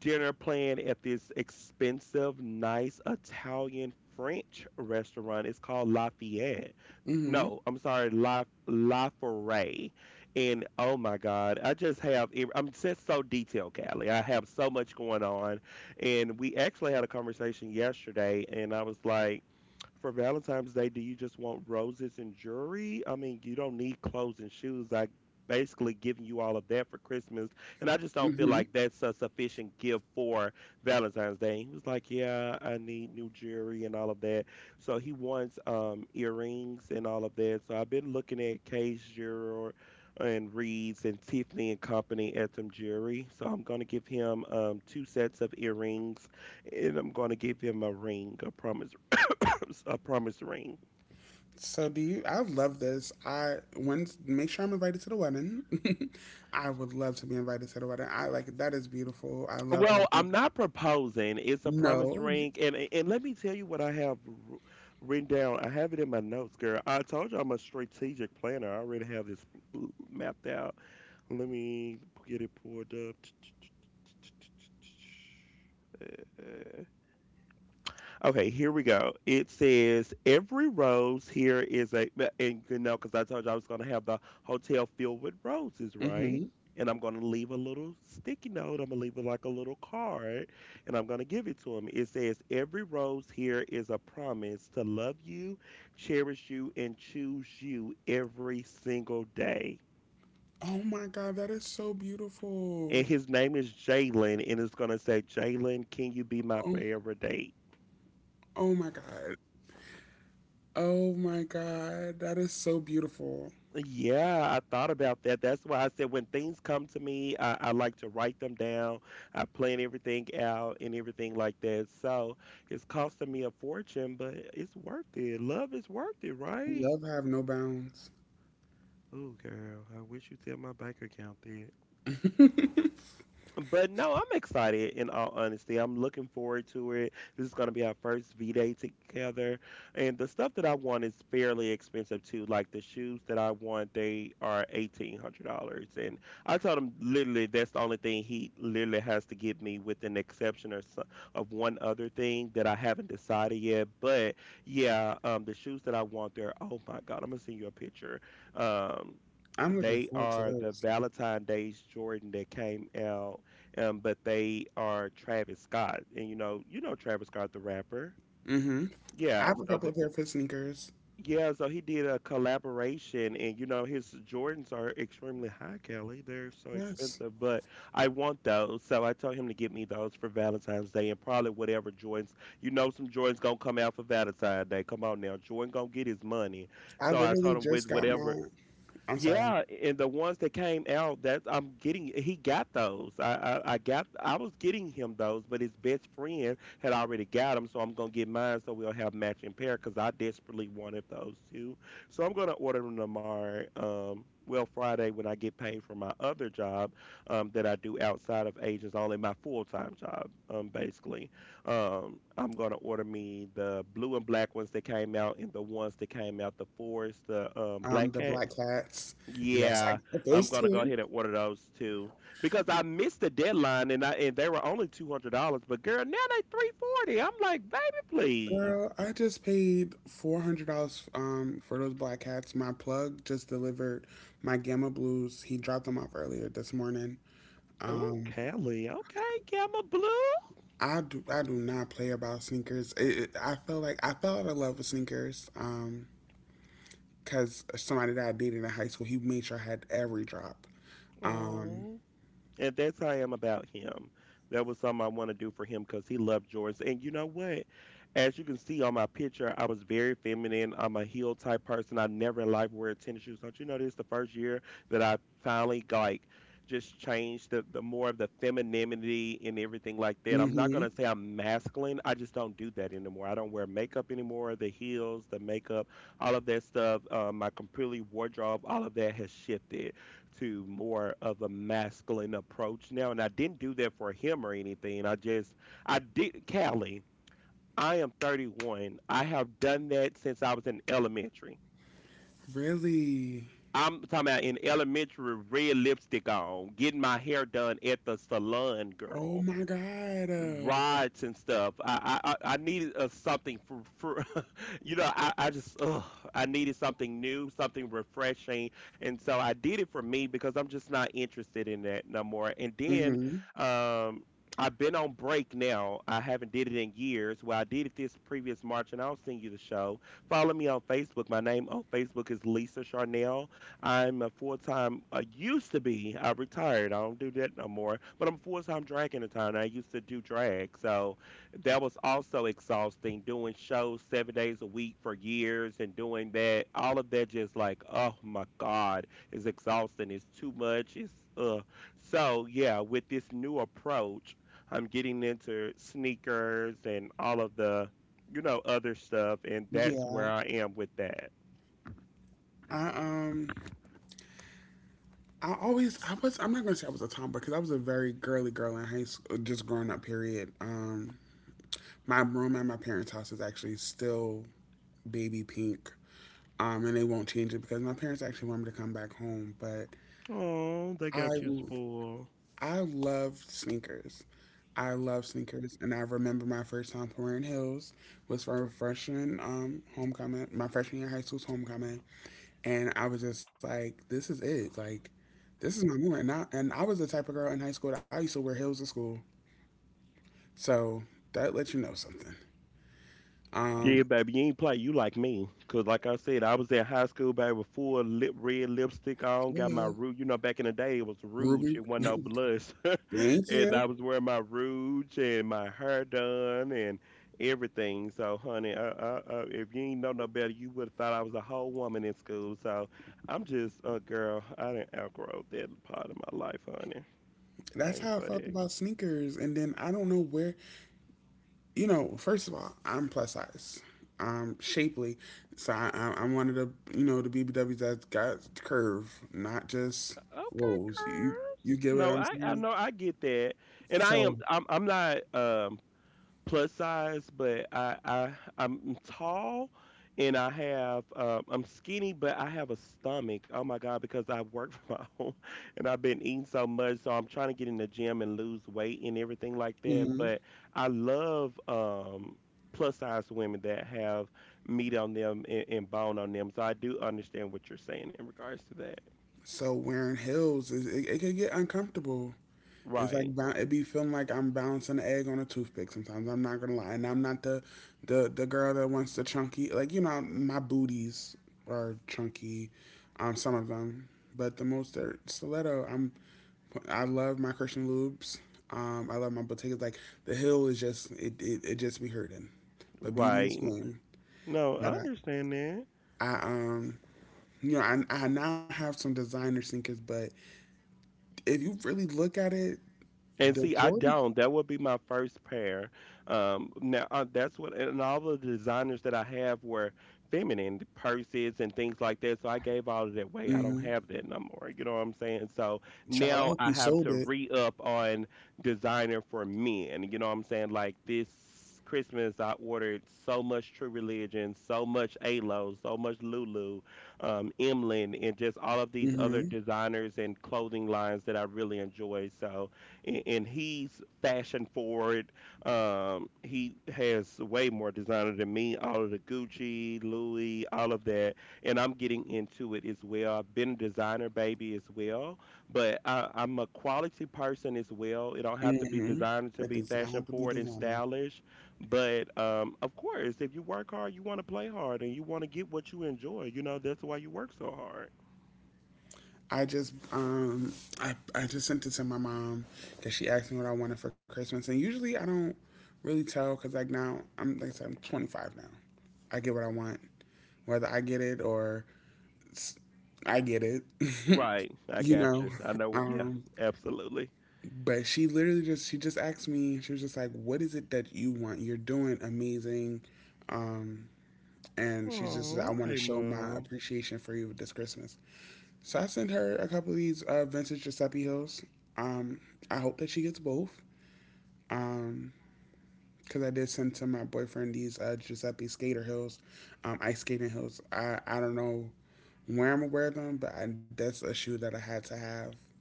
Speaker 2: dinner planned at this expensive, nice Italian French restaurant. It's called Lafayette
Speaker 1: Mm-hmm.
Speaker 2: No, I'm sorry, La La Foray. And oh my God, I just have ev- I'm just so detailed, Callie. I have so much going on, and we actually had a conversation yesterday, and I was like, for Valentine's Day, do you just want roses and jewelry? I mean, you don't need clothes and shoes. I basically giving you all of that for Christmas, and I just don't feel
Speaker 1: Mm-hmm.
Speaker 2: like that's a sufficient gift for Valentine's Day. He was like, "Yeah, I need new jewelry and all of that." So he wants um earrings and all of that. So I've been looking at Case jewelry and Reed's and Tiffany and Company at some jewelry. So I'm gonna give him um two sets of earrings, and I'm going to give him a ring, a promise a promise ring.
Speaker 1: So do you? I love this. I when Make sure I'm invited to the wedding. I would love to be invited to the wedding. I like that is beautiful. I love how
Speaker 2: Well,
Speaker 1: be-
Speaker 2: I'm not proposing. It's a
Speaker 1: No.
Speaker 2: promise ring, and and and let me tell you what I have wr- written down. I have it in my notes, girl. I told you I'm a strategic planner. I already have this l- mapped out. Let me get it pulled up. Okay, here we go. It says every rose here is a b- and you know because I told you I was gonna have the hotel filled with roses, right?
Speaker 1: Mm-hmm.
Speaker 2: And I'm gonna leave a little sticky note. I'm gonna leave it like a little card, and I'm gonna give it to him. It says every rose here is a promise to love you, cherish you, and choose you every single day.
Speaker 1: Oh my God, that is so
Speaker 2: And
Speaker 1: beautiful.
Speaker 2: his name is Jalen, and it's gonna say, Jalen, can you be my
Speaker 1: Oh,
Speaker 2: forever date?
Speaker 1: oh my God. Oh my God, that is so beautiful.
Speaker 2: Yeah, I thought about that. That's why I said when things come to me, I, I like to write them down. I plan everything out and everything like that. So it's costing me a fortune, but it's worth it. Love is worth it, right?
Speaker 1: Love have no bounds.
Speaker 2: Oh, girl, I wish you would tell my bank account. But no, I'm excited in all honesty. I'm looking forward to it. This is going to be our first V Day together. And the stuff that I want is fairly expensive too. Like the shoes that I want, they are eighteen hundred dollars. And I told him literally that's the only thing he literally has to give me, with an exception or so, of one other thing that I haven't decided yet. But yeah, um, the shoes that I want, they're, oh my God, I'm going to send you a picture. Um,
Speaker 1: I'm looking
Speaker 2: they
Speaker 1: forward to
Speaker 2: are the
Speaker 1: those.
Speaker 2: Valentine Days Jordan that came out um, but they are Travis Scott, and you know, you know Travis Scott, the rapper.
Speaker 1: Mm-hmm. I
Speaker 2: Yeah,
Speaker 1: have a
Speaker 2: so
Speaker 1: couple
Speaker 2: the,
Speaker 1: of pair of fit sneakers.
Speaker 2: yeah, so he did a collaboration, and you know, his Jordans are extremely high, Kelly. They're so
Speaker 1: Yes,
Speaker 2: expensive, but I want those, so I told him to get me those for Valentine's Day, and probably whatever Jordans. You know, some Jordans gonna come out for Valentine's Day. Come on now, Jordan gonna get his money.
Speaker 1: I
Speaker 2: So I
Speaker 1: literally
Speaker 2: told him
Speaker 1: just
Speaker 2: with
Speaker 1: got
Speaker 2: whatever,
Speaker 1: mine. I'm sorry.
Speaker 2: yeah, and the ones that came out that I'm getting, he got those. I, I I got, I was getting him those, but his best friend had already got them, so I'm gonna get mine so we'll have matching pair because I desperately wanted those too. So I'm gonna order them tomorrow. Um, well, Friday when I get paid for my other job, um, that I do outside of agents only, my full time job, um, basically. Um, I'm gonna order me the blue and black ones that came out, and the ones that came out the forest, the um,
Speaker 1: Um,
Speaker 2: black
Speaker 1: the
Speaker 2: cat.
Speaker 1: Black Cats. Yes,
Speaker 2: Yeah,
Speaker 1: I got
Speaker 2: I'm
Speaker 1: those
Speaker 2: gonna go
Speaker 1: two.
Speaker 2: ahead and order those too because I missed the deadline and I and they were only two hundred dollars. But girl, now they three forty. I'm like, baby, please.
Speaker 1: Girl, I just paid four hundred dollars um for those Black Cats. My plug just delivered my Gamma Blues. He dropped them off earlier this morning.
Speaker 2: Oh,
Speaker 1: Um,
Speaker 2: Kelly. Okay, Gamma Blue.
Speaker 1: I do I do not play about sneakers. It, it, I feel like I fell out of love with sneakers. Um, cause somebody that I dated in high school, he made sure I had every drop. Um.
Speaker 2: Oh. And that's how I am about him. That was something I want to do for him because he loved Jordans. And you know what? As you can see on my picture, I was very feminine. I'm a heel type person. I never in life wear tennis shoes. Don't you know this? The first year that I finally like just changed the, the more of the femininity and everything like that. I'm not
Speaker 1: Hmm.
Speaker 2: gonna say I'm masculine. I just don't do that anymore. I don't wear makeup anymore. The heels, the makeup, all of that stuff. Uh, my completely wardrobe, all of that has shifted to more of a masculine approach now. And I didn't do that for him or anything. I just, I did, Callie, I am thirty-one. I have done that since I was in elementary.
Speaker 1: Really?
Speaker 2: I'm talking about in elementary, red lipstick on, getting my hair done at the salon,
Speaker 1: Oh
Speaker 2: girl.
Speaker 1: my God. Uh.
Speaker 2: Rides and stuff. I I, I I needed uh, something for for you know I I just ugh, I needed something new, something refreshing, and so I did it for me because I'm just not interested in that no more. And then
Speaker 1: Hmm.
Speaker 2: um. I've been on break now. I haven't did it in years. Well, I did it this previous March, and I'll send you the show. Follow me on Facebook. My name on Facebook is Lisa Charnel. I'm a full time. I used to be. I retired. I don't do that no more. But I'm full time drag entertainer. I used to do drag, so that was also exhausting. Doing shows seven days a week for years and doing that, all of that, just like, oh my God, it's exhausting. It's too much. It's uh. So yeah, with this new approach, I'm getting into sneakers and all of the, you know, other stuff, and that's
Speaker 1: Yeah.
Speaker 2: where I am with that.
Speaker 1: I um I always I was I'm not gonna say I was a tomboy because I was a very girly girl in high school, just growing up. Period. Um, my room at my parents' house is actually still baby pink. Um, and they won't change it because my parents actually want me to come back home. But
Speaker 2: Oh, they
Speaker 1: I
Speaker 2: got you spoiled.
Speaker 1: I love sneakers. I love sneakers, and I remember my first time wearing heels was for a freshman um homecoming, my freshman year high school's homecoming, and I was just like, this is it. Like, this is my moment. And I and I was the type of girl in high school that I used to wear heels to school. So that lets you know something.
Speaker 2: Yeah,
Speaker 1: Um,
Speaker 2: baby, you ain't play. You like me, cause like I said, I was at high school, baby, with full lip red lipstick on. Got my
Speaker 1: hello,
Speaker 2: rouge. You know, back in the day, it was rouge.
Speaker 1: Ruby.
Speaker 2: It wasn't no blush,
Speaker 1: Thank
Speaker 2: and
Speaker 1: you.
Speaker 2: I was wearing my rouge and my hair done and everything. So, honey, uh, uh, uh, if you ain't know no better, you would have thought I was a whole woman in school. So, I'm just a girl. I didn't outgrow that part of my life, honey. I
Speaker 1: That's
Speaker 2: ain't
Speaker 1: how I
Speaker 2: for
Speaker 1: felt
Speaker 2: that.
Speaker 1: about sneakers. And then I don't know where. You know, first of all, I'm plus size. I'm shapely, so I, I- I'm one of the you know the B B Ws that's got curve, not just
Speaker 2: Okay,
Speaker 1: rolls. You
Speaker 2: curves.
Speaker 1: you get what
Speaker 2: No,
Speaker 1: I'm
Speaker 2: I I
Speaker 1: saying?
Speaker 2: know I get that, and I
Speaker 1: So.
Speaker 2: am I'm I'm not um plus size, but I I I'm tall, and I have um I'm skinny, but I have a stomach. Oh my god, because I work from home and I've been eating so much, so I'm trying to get in the gym and lose weight and everything like that. But I love um plus size women that have meat on them and, and bone on them, so I do understand what you're saying in regards to that.
Speaker 1: So wearing heels is it, it could get uncomfortable. It's like
Speaker 2: Right.
Speaker 1: ba- it be feeling like I'm balancing an egg on a toothpick sometimes. I'm not gonna lie, and I'm not the the the girl that wants the chunky. Like you know, my booties are chunky, um, some of them, but the most are stiletto. I'm I love my Christian lubes. Um, I love my boutiques. Like the heel is just it, it, it just be hurting, but beauty is
Speaker 2: Right.
Speaker 1: fun.
Speaker 2: No,
Speaker 1: But
Speaker 2: I understand that.
Speaker 1: I, I um you know I I now have some designer sneakers, but if you really look at it,
Speaker 2: And
Speaker 1: the
Speaker 2: see, I
Speaker 1: Jordan,
Speaker 2: don't. That would be my first pair. Um, now uh, that's what, and all the designers that I have were feminine the purses and things like that. So I gave all of that away. I don't
Speaker 1: hmm,
Speaker 2: have that no more. You know what I'm saying? So
Speaker 1: child, I
Speaker 2: now
Speaker 1: hope
Speaker 2: I
Speaker 1: you
Speaker 2: have
Speaker 1: sold
Speaker 2: to
Speaker 1: it.
Speaker 2: re up on designer for men. You know what I'm saying? Like this Christmas, I ordered so much True Religion, so much Alo, so much Lulu, um, Emlyn, and just all of these other
Speaker 1: Hmm.
Speaker 2: designers and clothing lines that I really enjoy. So a- and he's fashion forward. Um, he has way more designer than me. All of the Gucci, Louis, all of that, and I'm getting into it as well. I've been a designer baby as well, but I, I'm a quality person as well. It don't have to be
Speaker 1: Hmm.
Speaker 2: designer to
Speaker 1: It
Speaker 2: be
Speaker 1: does not
Speaker 2: fashion
Speaker 1: have to be
Speaker 2: forward and
Speaker 1: designer.
Speaker 2: stylish, but um, of course, if you work hard, you want to play hard and you want to get what you enjoy. You know that's why you work so hard.
Speaker 1: I just um I I just sent it to my mom because she asked me what I wanted for Christmas, and usually I don't really tell because like now I'm like I said I'm twenty-five now. I get what I want, whether I get it or s- I get it,
Speaker 2: Right, I
Speaker 1: you
Speaker 2: got
Speaker 1: know.
Speaker 2: you. I know. Yeah,
Speaker 1: Um,
Speaker 2: absolutely.
Speaker 1: But she literally just she just asked me. She was just like, "What is it that you want? You're doing amazing." Um, and she's just, I
Speaker 2: Oh,
Speaker 1: want to
Speaker 2: okay,
Speaker 1: show my
Speaker 2: mom.
Speaker 1: appreciation for you this Christmas. So I sent her a couple of these uh, vintage Giuseppe Hills. Um, I hope that she gets both. Um, because I did send to my boyfriend these uh, Giuseppe Skater Hills, um, ice skating hills. I I don't know where I'm gonna wear them, but I, that's a shoe that I had to have.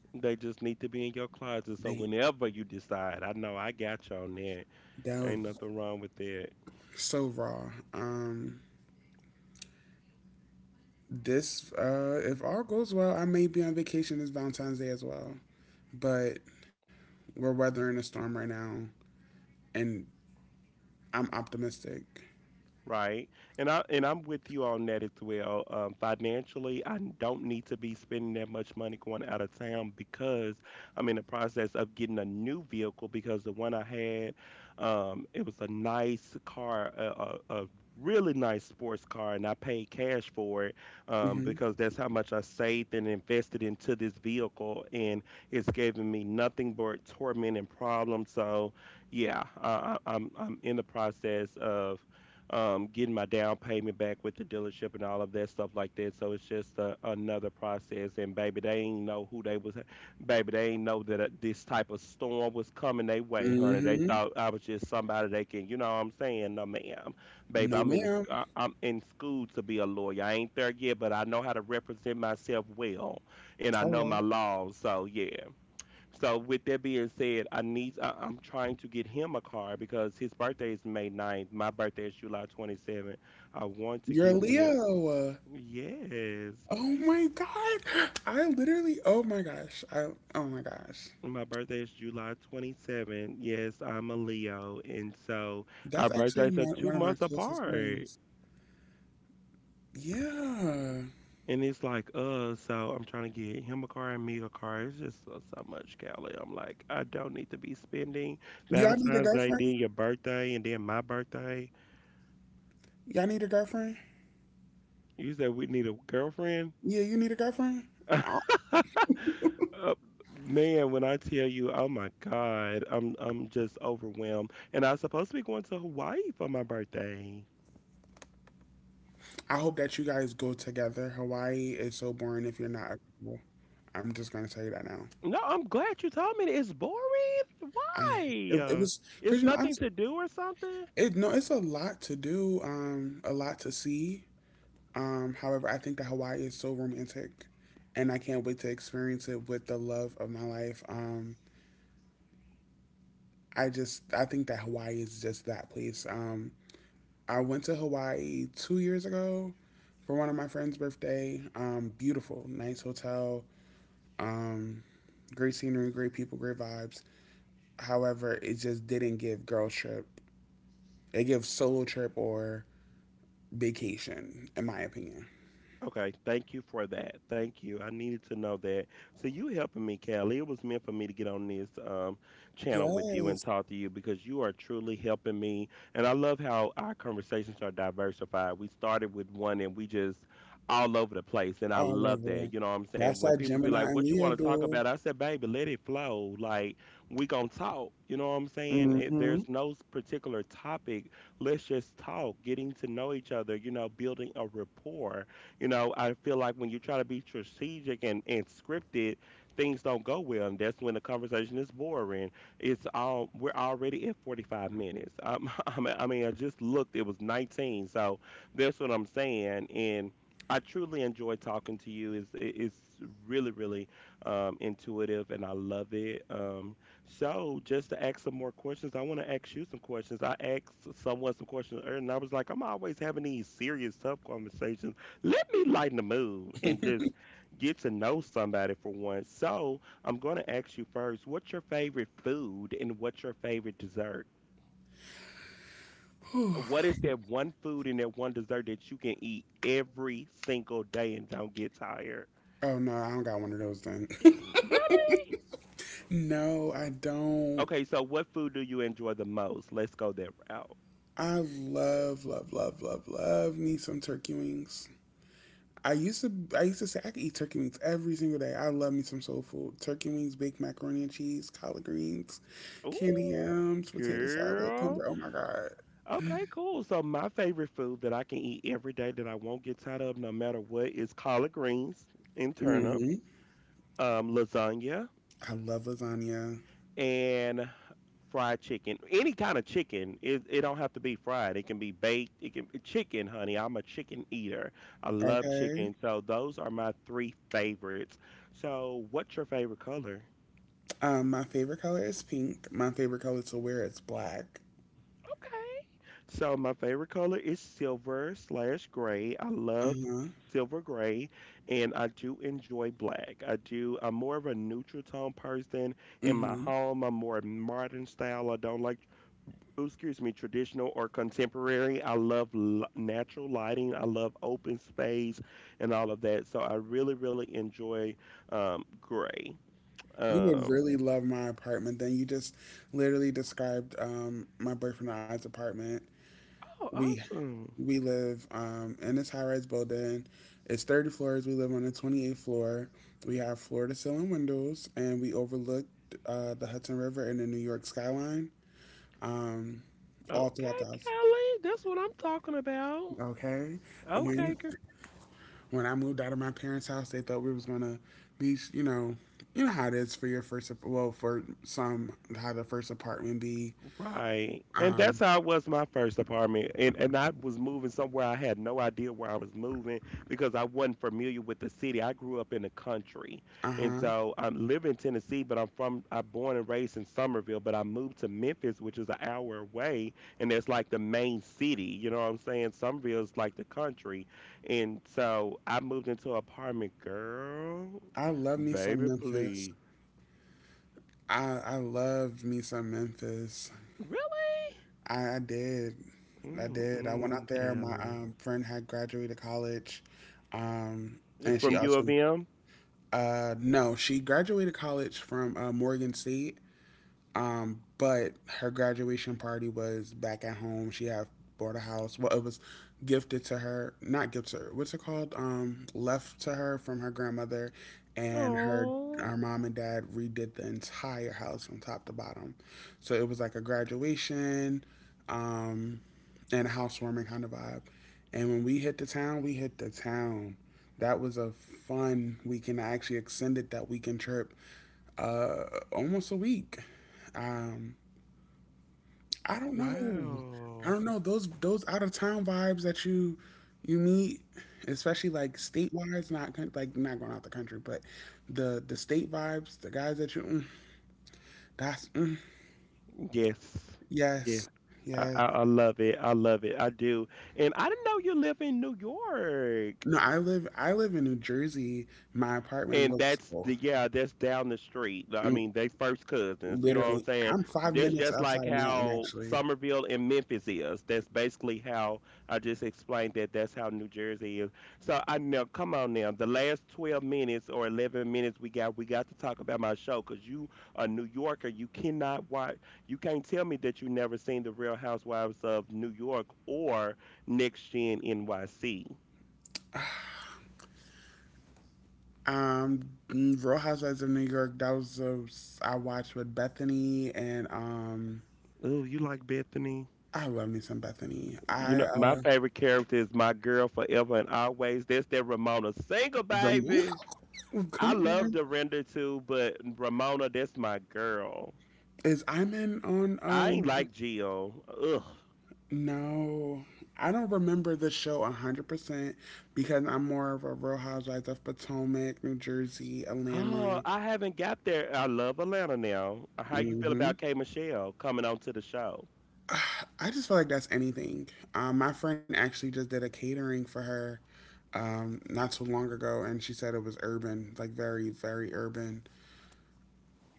Speaker 2: They just need to be in your closet. So
Speaker 1: They
Speaker 2: whenever you decide, I know I got you on that.
Speaker 1: That
Speaker 2: Ain't
Speaker 1: was
Speaker 2: nothing wrong with that.
Speaker 1: so raw. Um, This, uh, if all goes well, I may be on vacation this Valentine's Day as well. But we're weathering a storm right now, and I'm optimistic.
Speaker 2: Right. And I and I'm with you on that as well. Um, financially, I don't need to be spending that much money going out of town because I'm in the process of getting a new vehicle because the one I had, um, it was a nice car, a, a, a really nice sports car, and I paid cash for it um,
Speaker 1: Mm-hmm.
Speaker 2: because that's how much I saved and invested into this vehicle, and it's given me nothing but torment and problems. So, yeah, I, I- I'm I'm in the process of um, getting my down payment back with the dealership and all of that stuff like that. So it's just a, another process. And baby, they ain't know who they was. Baby, they ain't know that uh, this type of storm was coming their way, honey. They
Speaker 1: Mm-hmm.
Speaker 2: thought I was just somebody they can, you know what I'm saying? No, ma'am, baby,
Speaker 1: No,
Speaker 2: I'm in, the
Speaker 1: ma'am.
Speaker 2: sc- I- I'm in school to be a lawyer. I ain't there yet, but I know how to represent myself well, and I know my
Speaker 1: Hello.
Speaker 2: laws. So yeah. So with that being said, I need I, I'm trying to get him a car because his birthday is May ninth. My birthday is July twenty-seventh. I want to
Speaker 1: You're a
Speaker 2: get me a
Speaker 1: Leo.
Speaker 2: yes.
Speaker 1: Oh my God. I literally, oh my gosh. I, oh my gosh.
Speaker 2: My birthday is July twenty-seventh. Yes, I'm a Leo, and so our
Speaker 1: That's actually
Speaker 2: birthdays are
Speaker 1: one,
Speaker 2: two
Speaker 1: one of my
Speaker 2: months
Speaker 1: closest
Speaker 2: apart.
Speaker 1: friends. Yeah.
Speaker 2: And it's like, uh, so I'm trying to get him a car and me a car. It's just so, so much, Callie. I'm like, I don't need to be spending
Speaker 1: Y'all need a
Speaker 2: Valentine's Day,
Speaker 1: girlfriend?
Speaker 2: then your birthday, and then my birthday.
Speaker 1: Y'all need a girlfriend?
Speaker 2: You said we need a girlfriend?
Speaker 1: Yeah, you need a girlfriend?
Speaker 2: Uh, man, when I tell you, oh my God, I'm I'm just overwhelmed. And I was supposed to be going to Hawaii for my birthday.
Speaker 1: I hope that you guys go together. Hawaii is so boring if you're not a couple. I'm just gonna tell you that now.
Speaker 2: No, I'm glad you told me that. It's boring.
Speaker 1: I it, it
Speaker 2: Why?
Speaker 1: was
Speaker 2: It's
Speaker 1: because you know I'm
Speaker 2: nothing to do or something?
Speaker 1: it no, it's a lot to do, um a lot to see. Um however, I think that Hawaii is so romantic, and I can't wait to experience it with the love of my life. Um I just I think that Hawaii is just that place. um I went to Hawaii two years ago for one of my friend's birthday. Um beautiful, nice hotel. um Great scenery, great people, great vibes. However, it just didn't give girl trip. It gives solo trip or vacation, in my opinion.
Speaker 2: Okay, thank you for that. Thank you. I needed to know that. So you helping me, Callie. It was meant for me to get on this um, channel with you and
Speaker 1: Yes,
Speaker 2: talk to you because you are truly helping me. And I love how our conversations are diversified. We started with one and we just all over the place. And I
Speaker 1: all
Speaker 2: love that.
Speaker 1: over.
Speaker 2: You know what I'm saying?
Speaker 1: That's
Speaker 2: When
Speaker 1: that
Speaker 2: people be like,
Speaker 1: Gemini
Speaker 2: "What
Speaker 1: and
Speaker 2: you want
Speaker 1: Leo
Speaker 2: to talk about?"
Speaker 1: duel.
Speaker 2: I said, "Baby, let it flow. Like we gonna talk." You know what I'm saying? It,
Speaker 1: Mm-hmm.
Speaker 2: there's no s- particular topic. Let's just talk. Getting to know each other. You know, building a rapport, you know, I feel like when you try to be strategic and, and scripted, things don't go well. And that's when the conversation is boring. It's all, we're already at forty-five minutes. Um, I mean, I mean, I just looked, it was nineteen. So that's what I'm saying. And I truly enjoy talking to you. It's, it- it's really, really um, intuitive and I love it. Um, so, just to ask some more questions, I want to ask you some questions. I asked someone some questions earlier, and I was like, I'm always having these serious, tough conversations, let me lighten the mood and just get to know somebody for once. So I'm going to ask you first, what's your favorite food and what's your favorite dessert? What is that one food and that one dessert that you can eat every single day and don't get tired?
Speaker 1: Oh no, I don't got one of those then.
Speaker 2: Really?
Speaker 1: no, I don't.
Speaker 2: Okay, so what food do you enjoy the most? Let's go that route.
Speaker 1: I love, love, love, love, love me some turkey wings. I used to I used to say I could eat turkey wings every single day. I love me some soul food. Turkey wings, baked macaroni and cheese, collard greens,
Speaker 2: Ooh,
Speaker 1: candy yams, potato salad,
Speaker 2: girl.
Speaker 1: cornbread. Oh my god.
Speaker 2: Okay, cool. So my favorite food that I can eat every day that I won't get tired of no matter what is collard greens and turnip.
Speaker 1: hmm
Speaker 2: Um, lasagna
Speaker 1: I love lasagna.
Speaker 2: and fried chicken. Any kind of chicken. It it don't have to be fried. It can be baked. It can chicken, honey. I'm a chicken eater. I love
Speaker 1: Okay.
Speaker 2: chicken. So those are my three favorites. So what's your favorite color?
Speaker 1: Um, my favorite color is pink. My favorite color to wear is black.
Speaker 2: Okay. So my favorite color is silver slash gray. I love
Speaker 1: Uh-huh.
Speaker 2: silver gray and I do enjoy black. I do I'm more of a neutral tone person in my
Speaker 1: Mm-hmm.
Speaker 2: home. I'm more modern style. I don't like ooh, excuse me, traditional or contemporary. I love l- natural lighting. I love open space and all of that. So I really, really enjoy um, gray.
Speaker 1: You would
Speaker 2: Um,
Speaker 1: really love my apartment. Then you just literally described um my boyfriend and I's apartment.
Speaker 2: oh,
Speaker 1: We
Speaker 2: awesome.
Speaker 1: we live, um, in this high rise building. It's thirty floors. We live on the twenty-eighth floor. We have floor to ceiling windows, and we overlook uh, the Hudson River and the New York skyline um, all throughout
Speaker 2: Okay,
Speaker 1: the house.
Speaker 2: Kelly, that's what I'm talking about.
Speaker 1: Okay. And when,
Speaker 2: Okay,
Speaker 1: when I moved out of my parents' house, they thought we was going to be, you know, you know how it is for your first, ap- well, for some, how the first apartment be.
Speaker 2: right. And
Speaker 1: Um,
Speaker 2: that's how it was my first apartment. And and I was moving somewhere I had no idea where I was moving because I wasn't familiar with the city. I grew up in the country.
Speaker 1: uh
Speaker 2: And
Speaker 1: huh.
Speaker 2: so I live in Tennessee, but I'm from I'm born and raised in Somerville, but I moved to Memphis, which is an hour away, and that's like the main city. You know what I'm saying? Somerville is like the country. And so I moved into an apartment, girl.
Speaker 1: I love me some
Speaker 2: Baby,
Speaker 1: Memphis.
Speaker 2: please.
Speaker 1: I I love me some Memphis.
Speaker 2: Really?
Speaker 1: I, I did. I did. I went out
Speaker 2: Mm-mm,
Speaker 1: there. My
Speaker 2: Kelly.
Speaker 1: um, friend had graduated college, um, and she
Speaker 2: From U of
Speaker 1: also
Speaker 2: M?
Speaker 1: uh, no, she graduated college from uh, Morgan State, um, but her graduation party was back at home. She had bought a house. Well, it was gifted to her, not gifted to her. What's it called? Um, left to her from her grandmother, and her
Speaker 2: Oh,
Speaker 1: her mom and dad redid the entire house from top to bottom. So it was like a graduation, um, and a housewarming kind of vibe. And when we hit the town, we hit the town. That was a fun weekend. I actually extended that weekend trip, uh, almost a week. Um, I don't know. I
Speaker 2: wow.
Speaker 1: don't know those those out of town vibes that you you meet, especially like statewide, not coun- like not going out the country, but the the state vibes, the guys that you mm, that's mm,
Speaker 2: Yes. Yes.
Speaker 1: yes,
Speaker 2: I,
Speaker 1: yes.
Speaker 2: I, I love it. I love it. I do. And I didn't know you live in New York.
Speaker 1: No, I live I live in New Jersey. My apartment
Speaker 2: And
Speaker 1: looks
Speaker 2: that's
Speaker 1: full.
Speaker 2: the, yeah, that's down the street. I
Speaker 1: Mm,
Speaker 2: mean, they first cousins. You know what I'm
Speaker 1: literally,
Speaker 2: saying?
Speaker 1: I'm five
Speaker 2: That's
Speaker 1: minutes
Speaker 2: just like
Speaker 1: outside of Manhattan
Speaker 2: how
Speaker 1: actually.
Speaker 2: Somerville and Memphis is. That's basically how I just explained that. That's how New Jersey is. So I know. Come on now. The last twelve minutes or eleven minutes we got, we got to talk about my show because you a New Yorker. You cannot watch. You can't tell me that you never seen the Real Housewives of New York or Next Gen N Y C.
Speaker 1: Um, mm, Real Housewives of New York. That was the s- I watched with Bethany and um.
Speaker 2: Oh, you like Bethany?
Speaker 1: I love me some Bethany.
Speaker 2: You
Speaker 1: I
Speaker 2: know, my
Speaker 1: uh
Speaker 2: favorite character is my girl forever and always. That's that Ramona. Single
Speaker 1: The next
Speaker 2: baby.
Speaker 1: Well,
Speaker 2: I
Speaker 1: come
Speaker 2: love
Speaker 1: on.
Speaker 2: Dorinda too, but Ramona, that's my girl.
Speaker 1: Is I'm in on
Speaker 2: I ain't
Speaker 1: um
Speaker 2: like Jill. Ugh.
Speaker 1: no. I don't remember the show one hundred percent, because I'm more of a Real Housewives of Potomac, New Jersey,
Speaker 2: Oh,
Speaker 1: Atlanta.
Speaker 2: I haven't got there. I love Atlanta now. Uh, How you feel
Speaker 1: Hmm.
Speaker 2: about K Michelle coming onto the show?
Speaker 1: I just feel like that's anything. Um, my friend actually just did a catering for her, um, not too long ago, and she said it was urban, like very, very urban.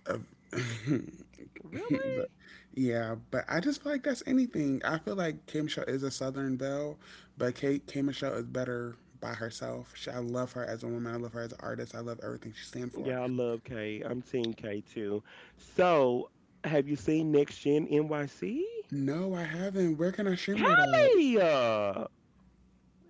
Speaker 1: Uh,
Speaker 2: Really?
Speaker 1: but yeah, but I just feel like that's anything. I feel like K Michelle is a Southern belle, but K K Michelle is better by herself. She, I love her as a woman. I love her as an artist. I love everything she stands for.
Speaker 2: Yeah, I love K. I'm Team K too. So, have you seen Next Gen N Y C?
Speaker 1: No, I haven't. Where can I stream that at?
Speaker 2: Kelly!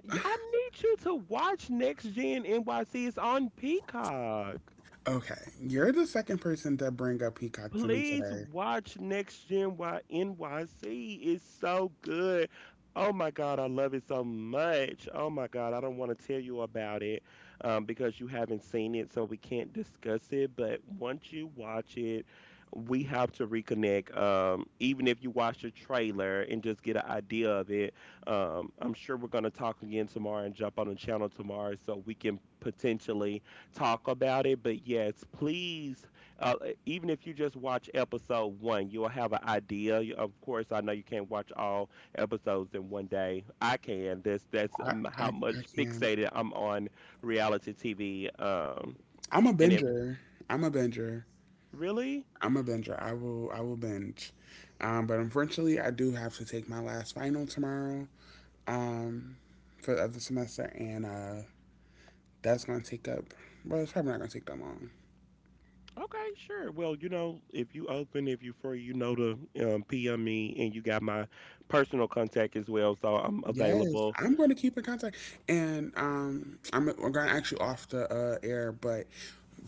Speaker 2: Y- I need you to watch Next Gen N Y C. It's on Peacock.
Speaker 1: Okay, you're the second person to bring up Peacock to me
Speaker 2: Please
Speaker 1: today.
Speaker 2: watch Next Gen Y N Y C. It's so good. Oh my God, I love it so much. Oh my God, I don't want to tell you about it um, because you haven't seen it, so we can't discuss it. But once you watch it, we have to reconnect. Um, even if you watch the trailer and just get an idea of it, um, I'm sure we're going to talk again tomorrow and jump on the channel tomorrow so we can potentially talk about it. But yes, please uh, e, even if you just watch episode one, you'll have an idea. You- Of course, I know you can't watch all episodes in one day. I can. That's that's
Speaker 1: I
Speaker 2: um,
Speaker 1: I,
Speaker 2: how much
Speaker 1: I can't.
Speaker 2: fixated I'm on reality T V um,
Speaker 1: I'm a
Speaker 2: and everything.
Speaker 1: binger. I'm a binger.
Speaker 2: Really?
Speaker 1: I'm a binger. I will I will binge. Um, but unfortunately, I do have to take my last final tomorrow, um, for the other semester, and uh, that's going to take up. Well, it's probably not going to take that long.
Speaker 2: Okay, sure. Well, you know, if you open, if you free, you know to um, P M me, and you got my personal contact as well, so I'm
Speaker 1: Yes,
Speaker 2: available.
Speaker 1: I'm going to keep in contact, and um, I'm we're going to actually off the uh, air, but,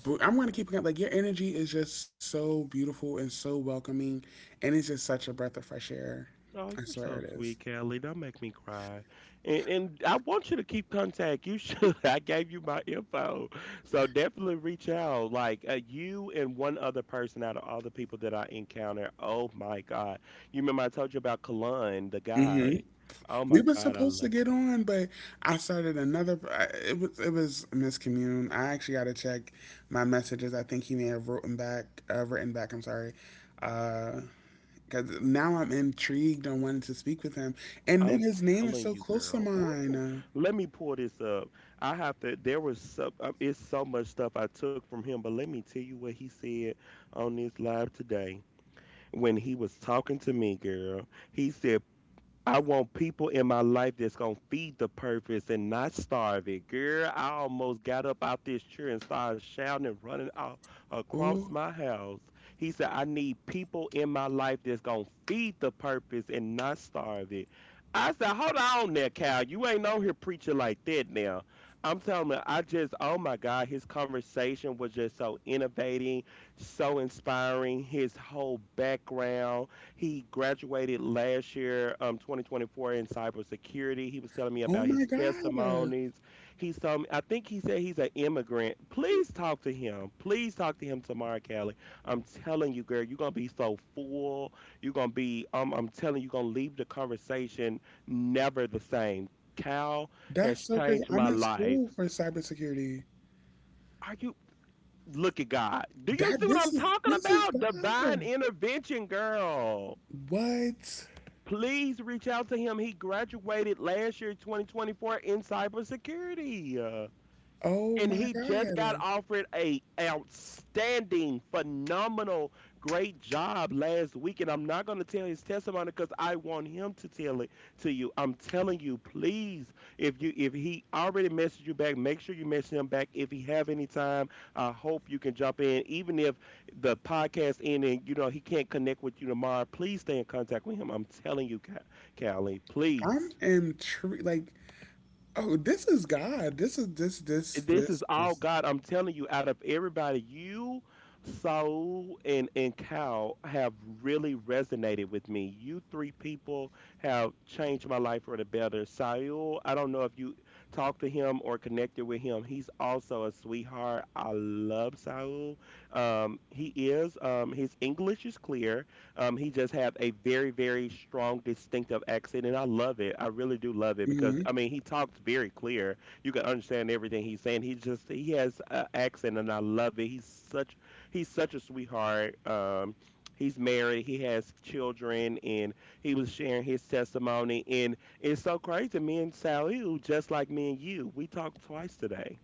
Speaker 1: but I'm going to keep in contact. Like your energy is just so beautiful and so welcoming, and it's just such a breath of fresh air.
Speaker 2: Oh,
Speaker 1: I
Speaker 2: you're so
Speaker 1: swear it
Speaker 2: sweet, Kelly. Don't make me cry. And and I want you to keep contact. You should. I gave you my info, so definitely reach out. Like uh, you and one other person out of all the people that I encounter. Oh my God! You remember I told you about Kalun, the guy.
Speaker 1: is.
Speaker 2: Oh
Speaker 1: We
Speaker 2: my
Speaker 1: were
Speaker 2: God, I
Speaker 1: supposed to
Speaker 2: love.
Speaker 1: get on, but I started another. I- it was it was a miscommune. I actually got to check my messages. I think he may have written back. Uh, written back. I'm sorry. Uh, Because now I'm intrigued and wanted to speak with him, and
Speaker 2: I'm
Speaker 1: then his name is
Speaker 2: telling
Speaker 1: so
Speaker 2: you,
Speaker 1: close to
Speaker 2: girl.
Speaker 1: mine.
Speaker 2: Ooh,
Speaker 1: Uh,
Speaker 2: let me pull this up. I have to. There was so. Um, it's so much stuff I took from him, but let me tell you what he said on this live today, when he was talking to me, girl. He said, I want people in my life that's gonna feed the purpose and not starve it. Girl, I almost got up out this chair and started shouting and running out across
Speaker 1: oh,
Speaker 2: my house. He said, I need people in my life that's gonna feed the purpose and not starve it. I said, hold on there, Cal. You ain't on here preaching like that now. I'm telling you, I just, oh my God, his conversation was just so innovating, so inspiring. His whole background, he graduated last year, um, twenty twenty-four in cybersecurity. He was telling me
Speaker 1: oh
Speaker 2: about
Speaker 1: my
Speaker 2: his
Speaker 1: God, uh,
Speaker 2: testimonies. He's some, I think he said he's an immigrant. Please talk to him. Please talk to him tomorrow, Callie. I'm telling you, girl, you're gonna be so full. You're gonna be, um, I'm telling you, you're gonna leave the conversation never the same. Cal has
Speaker 1: that's so crazy.
Speaker 2: changed
Speaker 1: I'm
Speaker 2: my
Speaker 1: in
Speaker 2: life.
Speaker 1: school for cybersecurity.
Speaker 2: Are you? Look at God. Do you
Speaker 1: That
Speaker 2: see what I'm
Speaker 1: This is
Speaker 2: talking
Speaker 1: this is
Speaker 2: about? Divine
Speaker 1: God.
Speaker 2: intervention, girl.
Speaker 1: What?
Speaker 2: Please reach out to him. He graduated last year, twenty twenty-four, in cybersecurity. Uh,
Speaker 1: Oh
Speaker 2: and
Speaker 1: my
Speaker 2: he just got
Speaker 1: God.
Speaker 2: offered a outstanding, phenomenal, great job last week. And I'm not going to tell his testimony because I want him to tell it to you. I'm telling you, please, if you if he already messaged you back, make sure you message him back. If he have any time, I hope you can jump in. Even if the podcast end and you know he can't connect with you tomorrow, please stay in contact with him. I'm telling you, Ca- Callie,
Speaker 1: I'm
Speaker 2: please.
Speaker 1: intrigued. Like, oh, this is God. This is this this
Speaker 2: This is
Speaker 1: this
Speaker 2: all
Speaker 1: this.
Speaker 2: God. I'm telling you, out of everybody, you, Saul, and and Cal have really resonated with me. You three people have changed my life for the better. Saul, I don't know if you talked to him or connected with him. He's also a sweetheart. I love Saul. Um, he is. Um, his English is clear. Um, he just have a very, very strong, distinctive accent, and I love it. I really do love it because
Speaker 1: Hmm.
Speaker 2: I mean he talks very clear. You can understand everything he's saying. He just he has an accent, and I love it. He's such he's such a sweetheart. Um, he's married. He has children, and he was sharing his testimony. And it's so crazy. Me and Sally, who just like me and you, we talked twice today.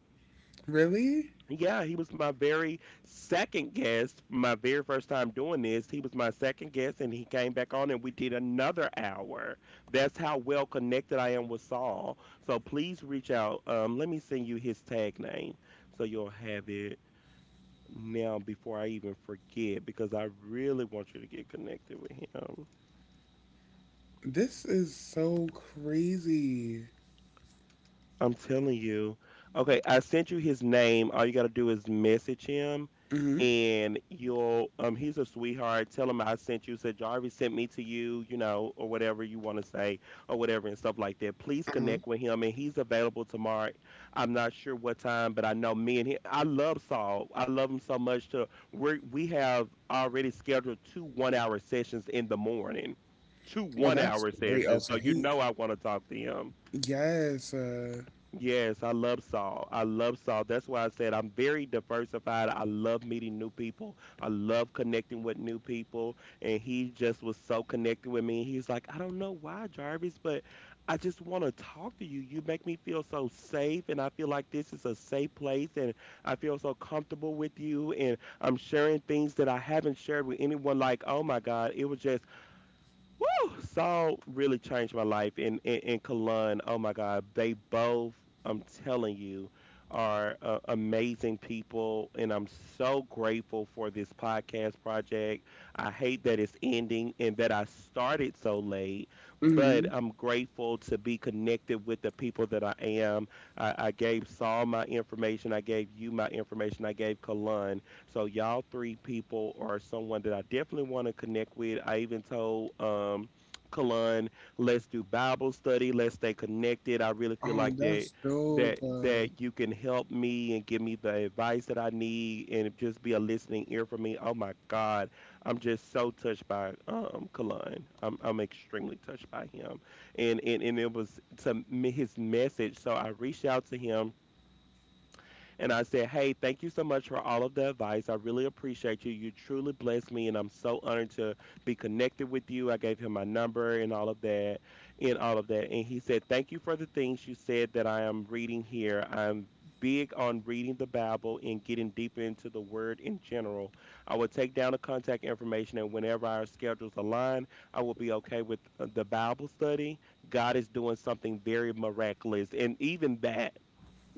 Speaker 1: Really?
Speaker 2: Yeah, he was my very second guest, my very first time doing this. He was my second guest, and he came back on, and we did another hour. That's how well connected I am with Saul. So please reach out. Um, let me send you his tag name so you'll have it now before I even forget, because I really want you to get connected with him.
Speaker 1: This is so crazy.
Speaker 2: I'm telling you. Okay, I sent you his name. All you gotta do is message him,
Speaker 1: Mm-hmm.
Speaker 2: and you'll um he's a sweetheart. Tell him I sent you. Said Jarvis sent me to you, you know, or whatever you want to say, or whatever and stuff like that. Please
Speaker 1: Uh-huh.
Speaker 2: connect with him, and he's available tomorrow. I'm not sure what time, but I know me and him. I love Saul. I love him so much. To we we have already scheduled two one-hour sessions in the morning, two
Speaker 1: Well, that's
Speaker 2: one-hour
Speaker 1: great. Oh,
Speaker 2: sessions. So
Speaker 1: so
Speaker 2: you
Speaker 1: he,
Speaker 2: know I want to talk to him.
Speaker 1: yes. Uh,
Speaker 2: Yes, I love Saul. I love Saul. That's why I said I'm very diversified. I love meeting new people. I love connecting with new people. And he just was so connected with me. He's like, I don't know why, Jarvis, but I just want to talk to you. You make me feel so safe. And I feel like this is a safe place. And I feel so comfortable with you. And I'm sharing things that I haven't shared with anyone. Like, oh my God, it was just woo! Saul really changed my life and in, in Kalun. Oh my God, they both, I'm telling you, are uh, amazing people, and I'm so grateful for this podcast project. I hate that it's ending and that I started so late, but
Speaker 1: mm-hmm.
Speaker 2: I'm grateful to be connected with the people that I am. I, I gave Saul my information, I gave you my information, I gave Kalun, so y'all three people are someone that I definitely want to connect with. I even told um Kalun, let's do Bible study, let's stay connected. I really feel
Speaker 1: Oh,
Speaker 2: like that
Speaker 1: that's dope.
Speaker 2: that
Speaker 1: Uh,
Speaker 2: that you can help me and give me the advice that I need and just be a listening ear for me. Oh my God. I'm just so touched by um Kalun. I'm I'm extremely touched by him. And and, and it was to me his message. So I reached out to him and I said, hey, thank you so much for all of the advice. I really appreciate you. You truly blessed me, and I'm so honored to be connected with you. I gave him my number and all of that, and all of that. And he said, thank you for the things you said that I am reading here. I'm big on reading the Bible and getting deeper into the word in general. I will take down the contact information, and whenever our schedules align, I will be okay with uh, the Bible study. God is doing something very miraculous. And even that,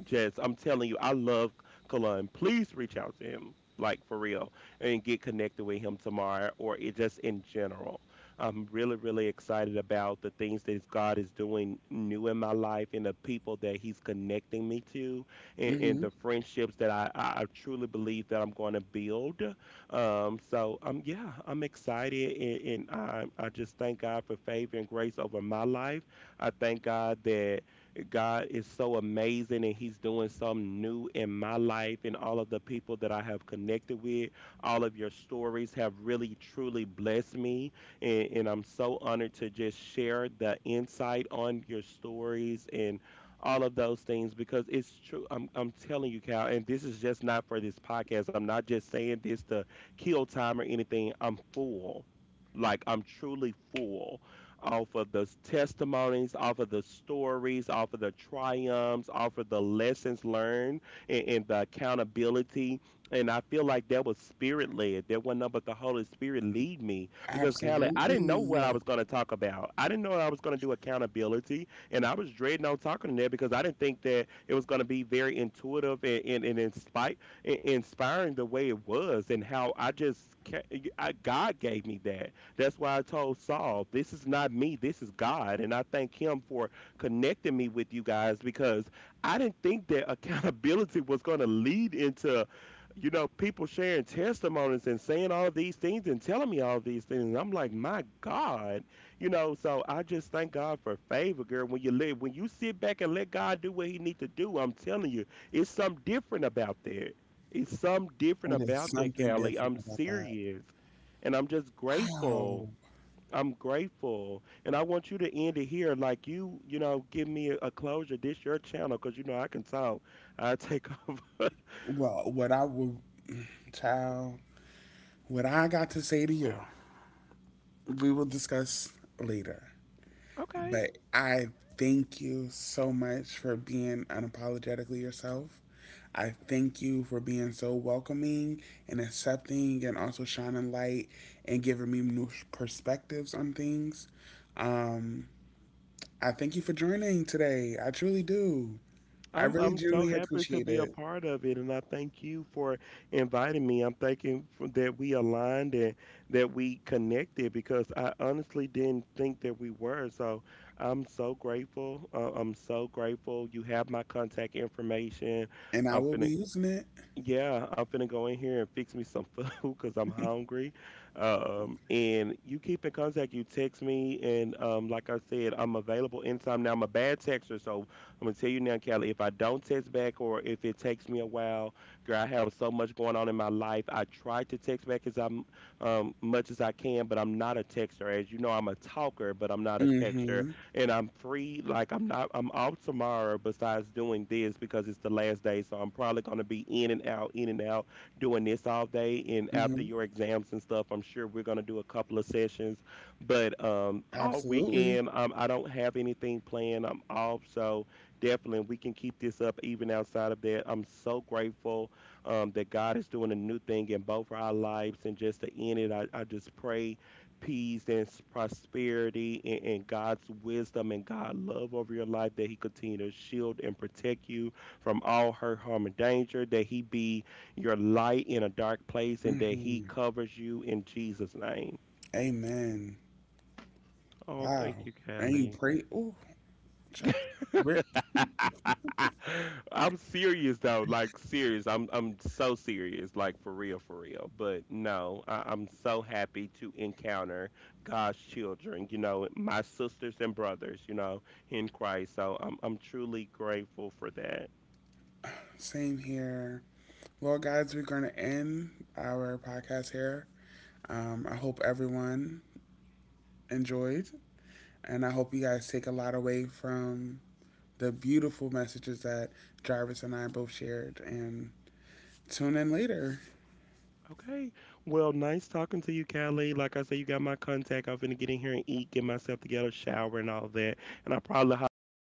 Speaker 2: just, I'm telling you, I love Kalun. Please reach out to him, like for real, and get connected with him tomorrow or it just in general. I'm really, really excited about the things that God is doing new in my life and the people that He's connecting me to and, and
Speaker 1: mm-hmm.
Speaker 2: the friendships that I, I I truly believe that I'm going to build. Um, so, um, yeah, I'm excited and, and I, I just thank God for favor and grace over my life. I thank God that. God is so amazing and He's doing something new in my life and all of the people that I have connected with. All of your stories have really truly blessed me. And, and I'm so honored to just share the insight on your stories and all of those things because it's true. I'm, I'm telling you, Cal, and this is just not for this podcast. I'm not just saying this to kill time or anything. I'm full. Like, I'm truly full off of the testimonies, off of the stories, off of the triumphs, off of the lessons learned, and, and the accountability. And I feel like that was spirit led. That wasn't nothing but the Holy Spirit lead me because Callie, I
Speaker 1: Absolutely.
Speaker 2: didn't know what I
Speaker 1: Yeah.
Speaker 2: was going to talk about. I didn't know I was going to do accountability, and I was dreading on talking to that because I didn't think that it was going to be very intuitive and and, and inspire, inspiring the way it was, and how I just ca- I, God gave me that. That's why I told Saul, this is not me, this is God. And I thank him for connecting me with you guys because I didn't think that accountability was going to lead into, you know, people sharing testimonies and saying all of these things and telling me all of these things. And I'm like, my God, you know, so I just thank God for favor, girl. When you live, when you sit back and let God do what he needs to do, I'm telling you, it's something different about that. It's something
Speaker 1: Oh,
Speaker 2: different
Speaker 1: there's
Speaker 2: about that,
Speaker 1: something
Speaker 2: Callie.
Speaker 1: different
Speaker 2: I'm
Speaker 1: about that.
Speaker 2: serious and I'm just
Speaker 1: Wow.
Speaker 2: grateful. I'm grateful, and I want you to end it here. Like you, you know, give me a, a closure. This your channel, cause you know I can talk. I take over.
Speaker 1: Well, what I would, child, what I got to say to you, we will discuss later.
Speaker 2: Okay,
Speaker 1: But I thank you so much for being unapologetically yourself. I thank you for being so welcoming and accepting and also shining light and giving me new perspectives on things. Um, I thank you for joining today. I truly do. I
Speaker 2: I'm
Speaker 1: really
Speaker 2: I'm so
Speaker 1: genuinely
Speaker 2: happy to
Speaker 1: appreciate
Speaker 2: be a
Speaker 1: it.
Speaker 2: part of it, and I thank you for inviting me. I'm thanking for, that we aligned and that we connected because I honestly didn't think that we were. So I'm so grateful. Uh, I'm so grateful. You have my contact information.
Speaker 1: And I
Speaker 2: I'm
Speaker 1: will be
Speaker 2: finna
Speaker 1: using it.
Speaker 2: Yeah, I'm finna go in here and fix me some food because I'm hungry. Um, and you keep in contact. You text me, and um, like I said, I'm available anytime. Now I'm a bad texter, so I'm gonna tell you now, Kelly. If I don't text back, or if it takes me a while, girl, I have so much going on in my life. I try to text back as I'm um much as I can, but I'm not a texter. As you know, I'm a talker, but I'm not a texter
Speaker 1: Mm-hmm.
Speaker 2: and I'm free. Like I'm not I'm off tomorrow besides doing this because it's the last day. So I'm probably gonna be in and out, in and out, doing this all day. And after
Speaker 1: Mm-hmm.
Speaker 2: your exams and stuff, I'm sure we're gonna do a couple of sessions. But um all
Speaker 1: Absolutely.
Speaker 2: weekend um I don't have anything planned. I'm off so definitely we can keep this up even outside of that. I'm so grateful um that God is doing a new thing in both our lives and just to end it I, I just pray peace and s- prosperity and, and God's wisdom and God love over your life that he continue to shield and protect you from all hurt, harm, and danger, that he be your light in a dark place and that
Speaker 1: Mm-hmm.
Speaker 2: he covers you in Jesus' name.
Speaker 1: Amen.
Speaker 2: Oh,
Speaker 1: Wow.
Speaker 2: thank you,
Speaker 1: And you
Speaker 2: Kelly.
Speaker 1: pray. Ooh. Oh,
Speaker 2: I'm serious though, like serious. I'm I'm so serious, like for real, for real. But no, I, I'm so happy to encounter God's children. You know, my sisters and brothers. You know, in Christ. So I'm I'm truly grateful for that.
Speaker 1: same here. Well, guys, we're going to end our podcast here. Um, I hope everyone enjoyed, and I hope you guys take a lot away from the beautiful messages that Jarvis and I both shared. And tune in later.
Speaker 2: Okay. Well, nice talking to you, Kelly. Like I said, you got my contact. I'm finna get in here and eat, get myself together, shower, and all that. And I'll probably hop back on.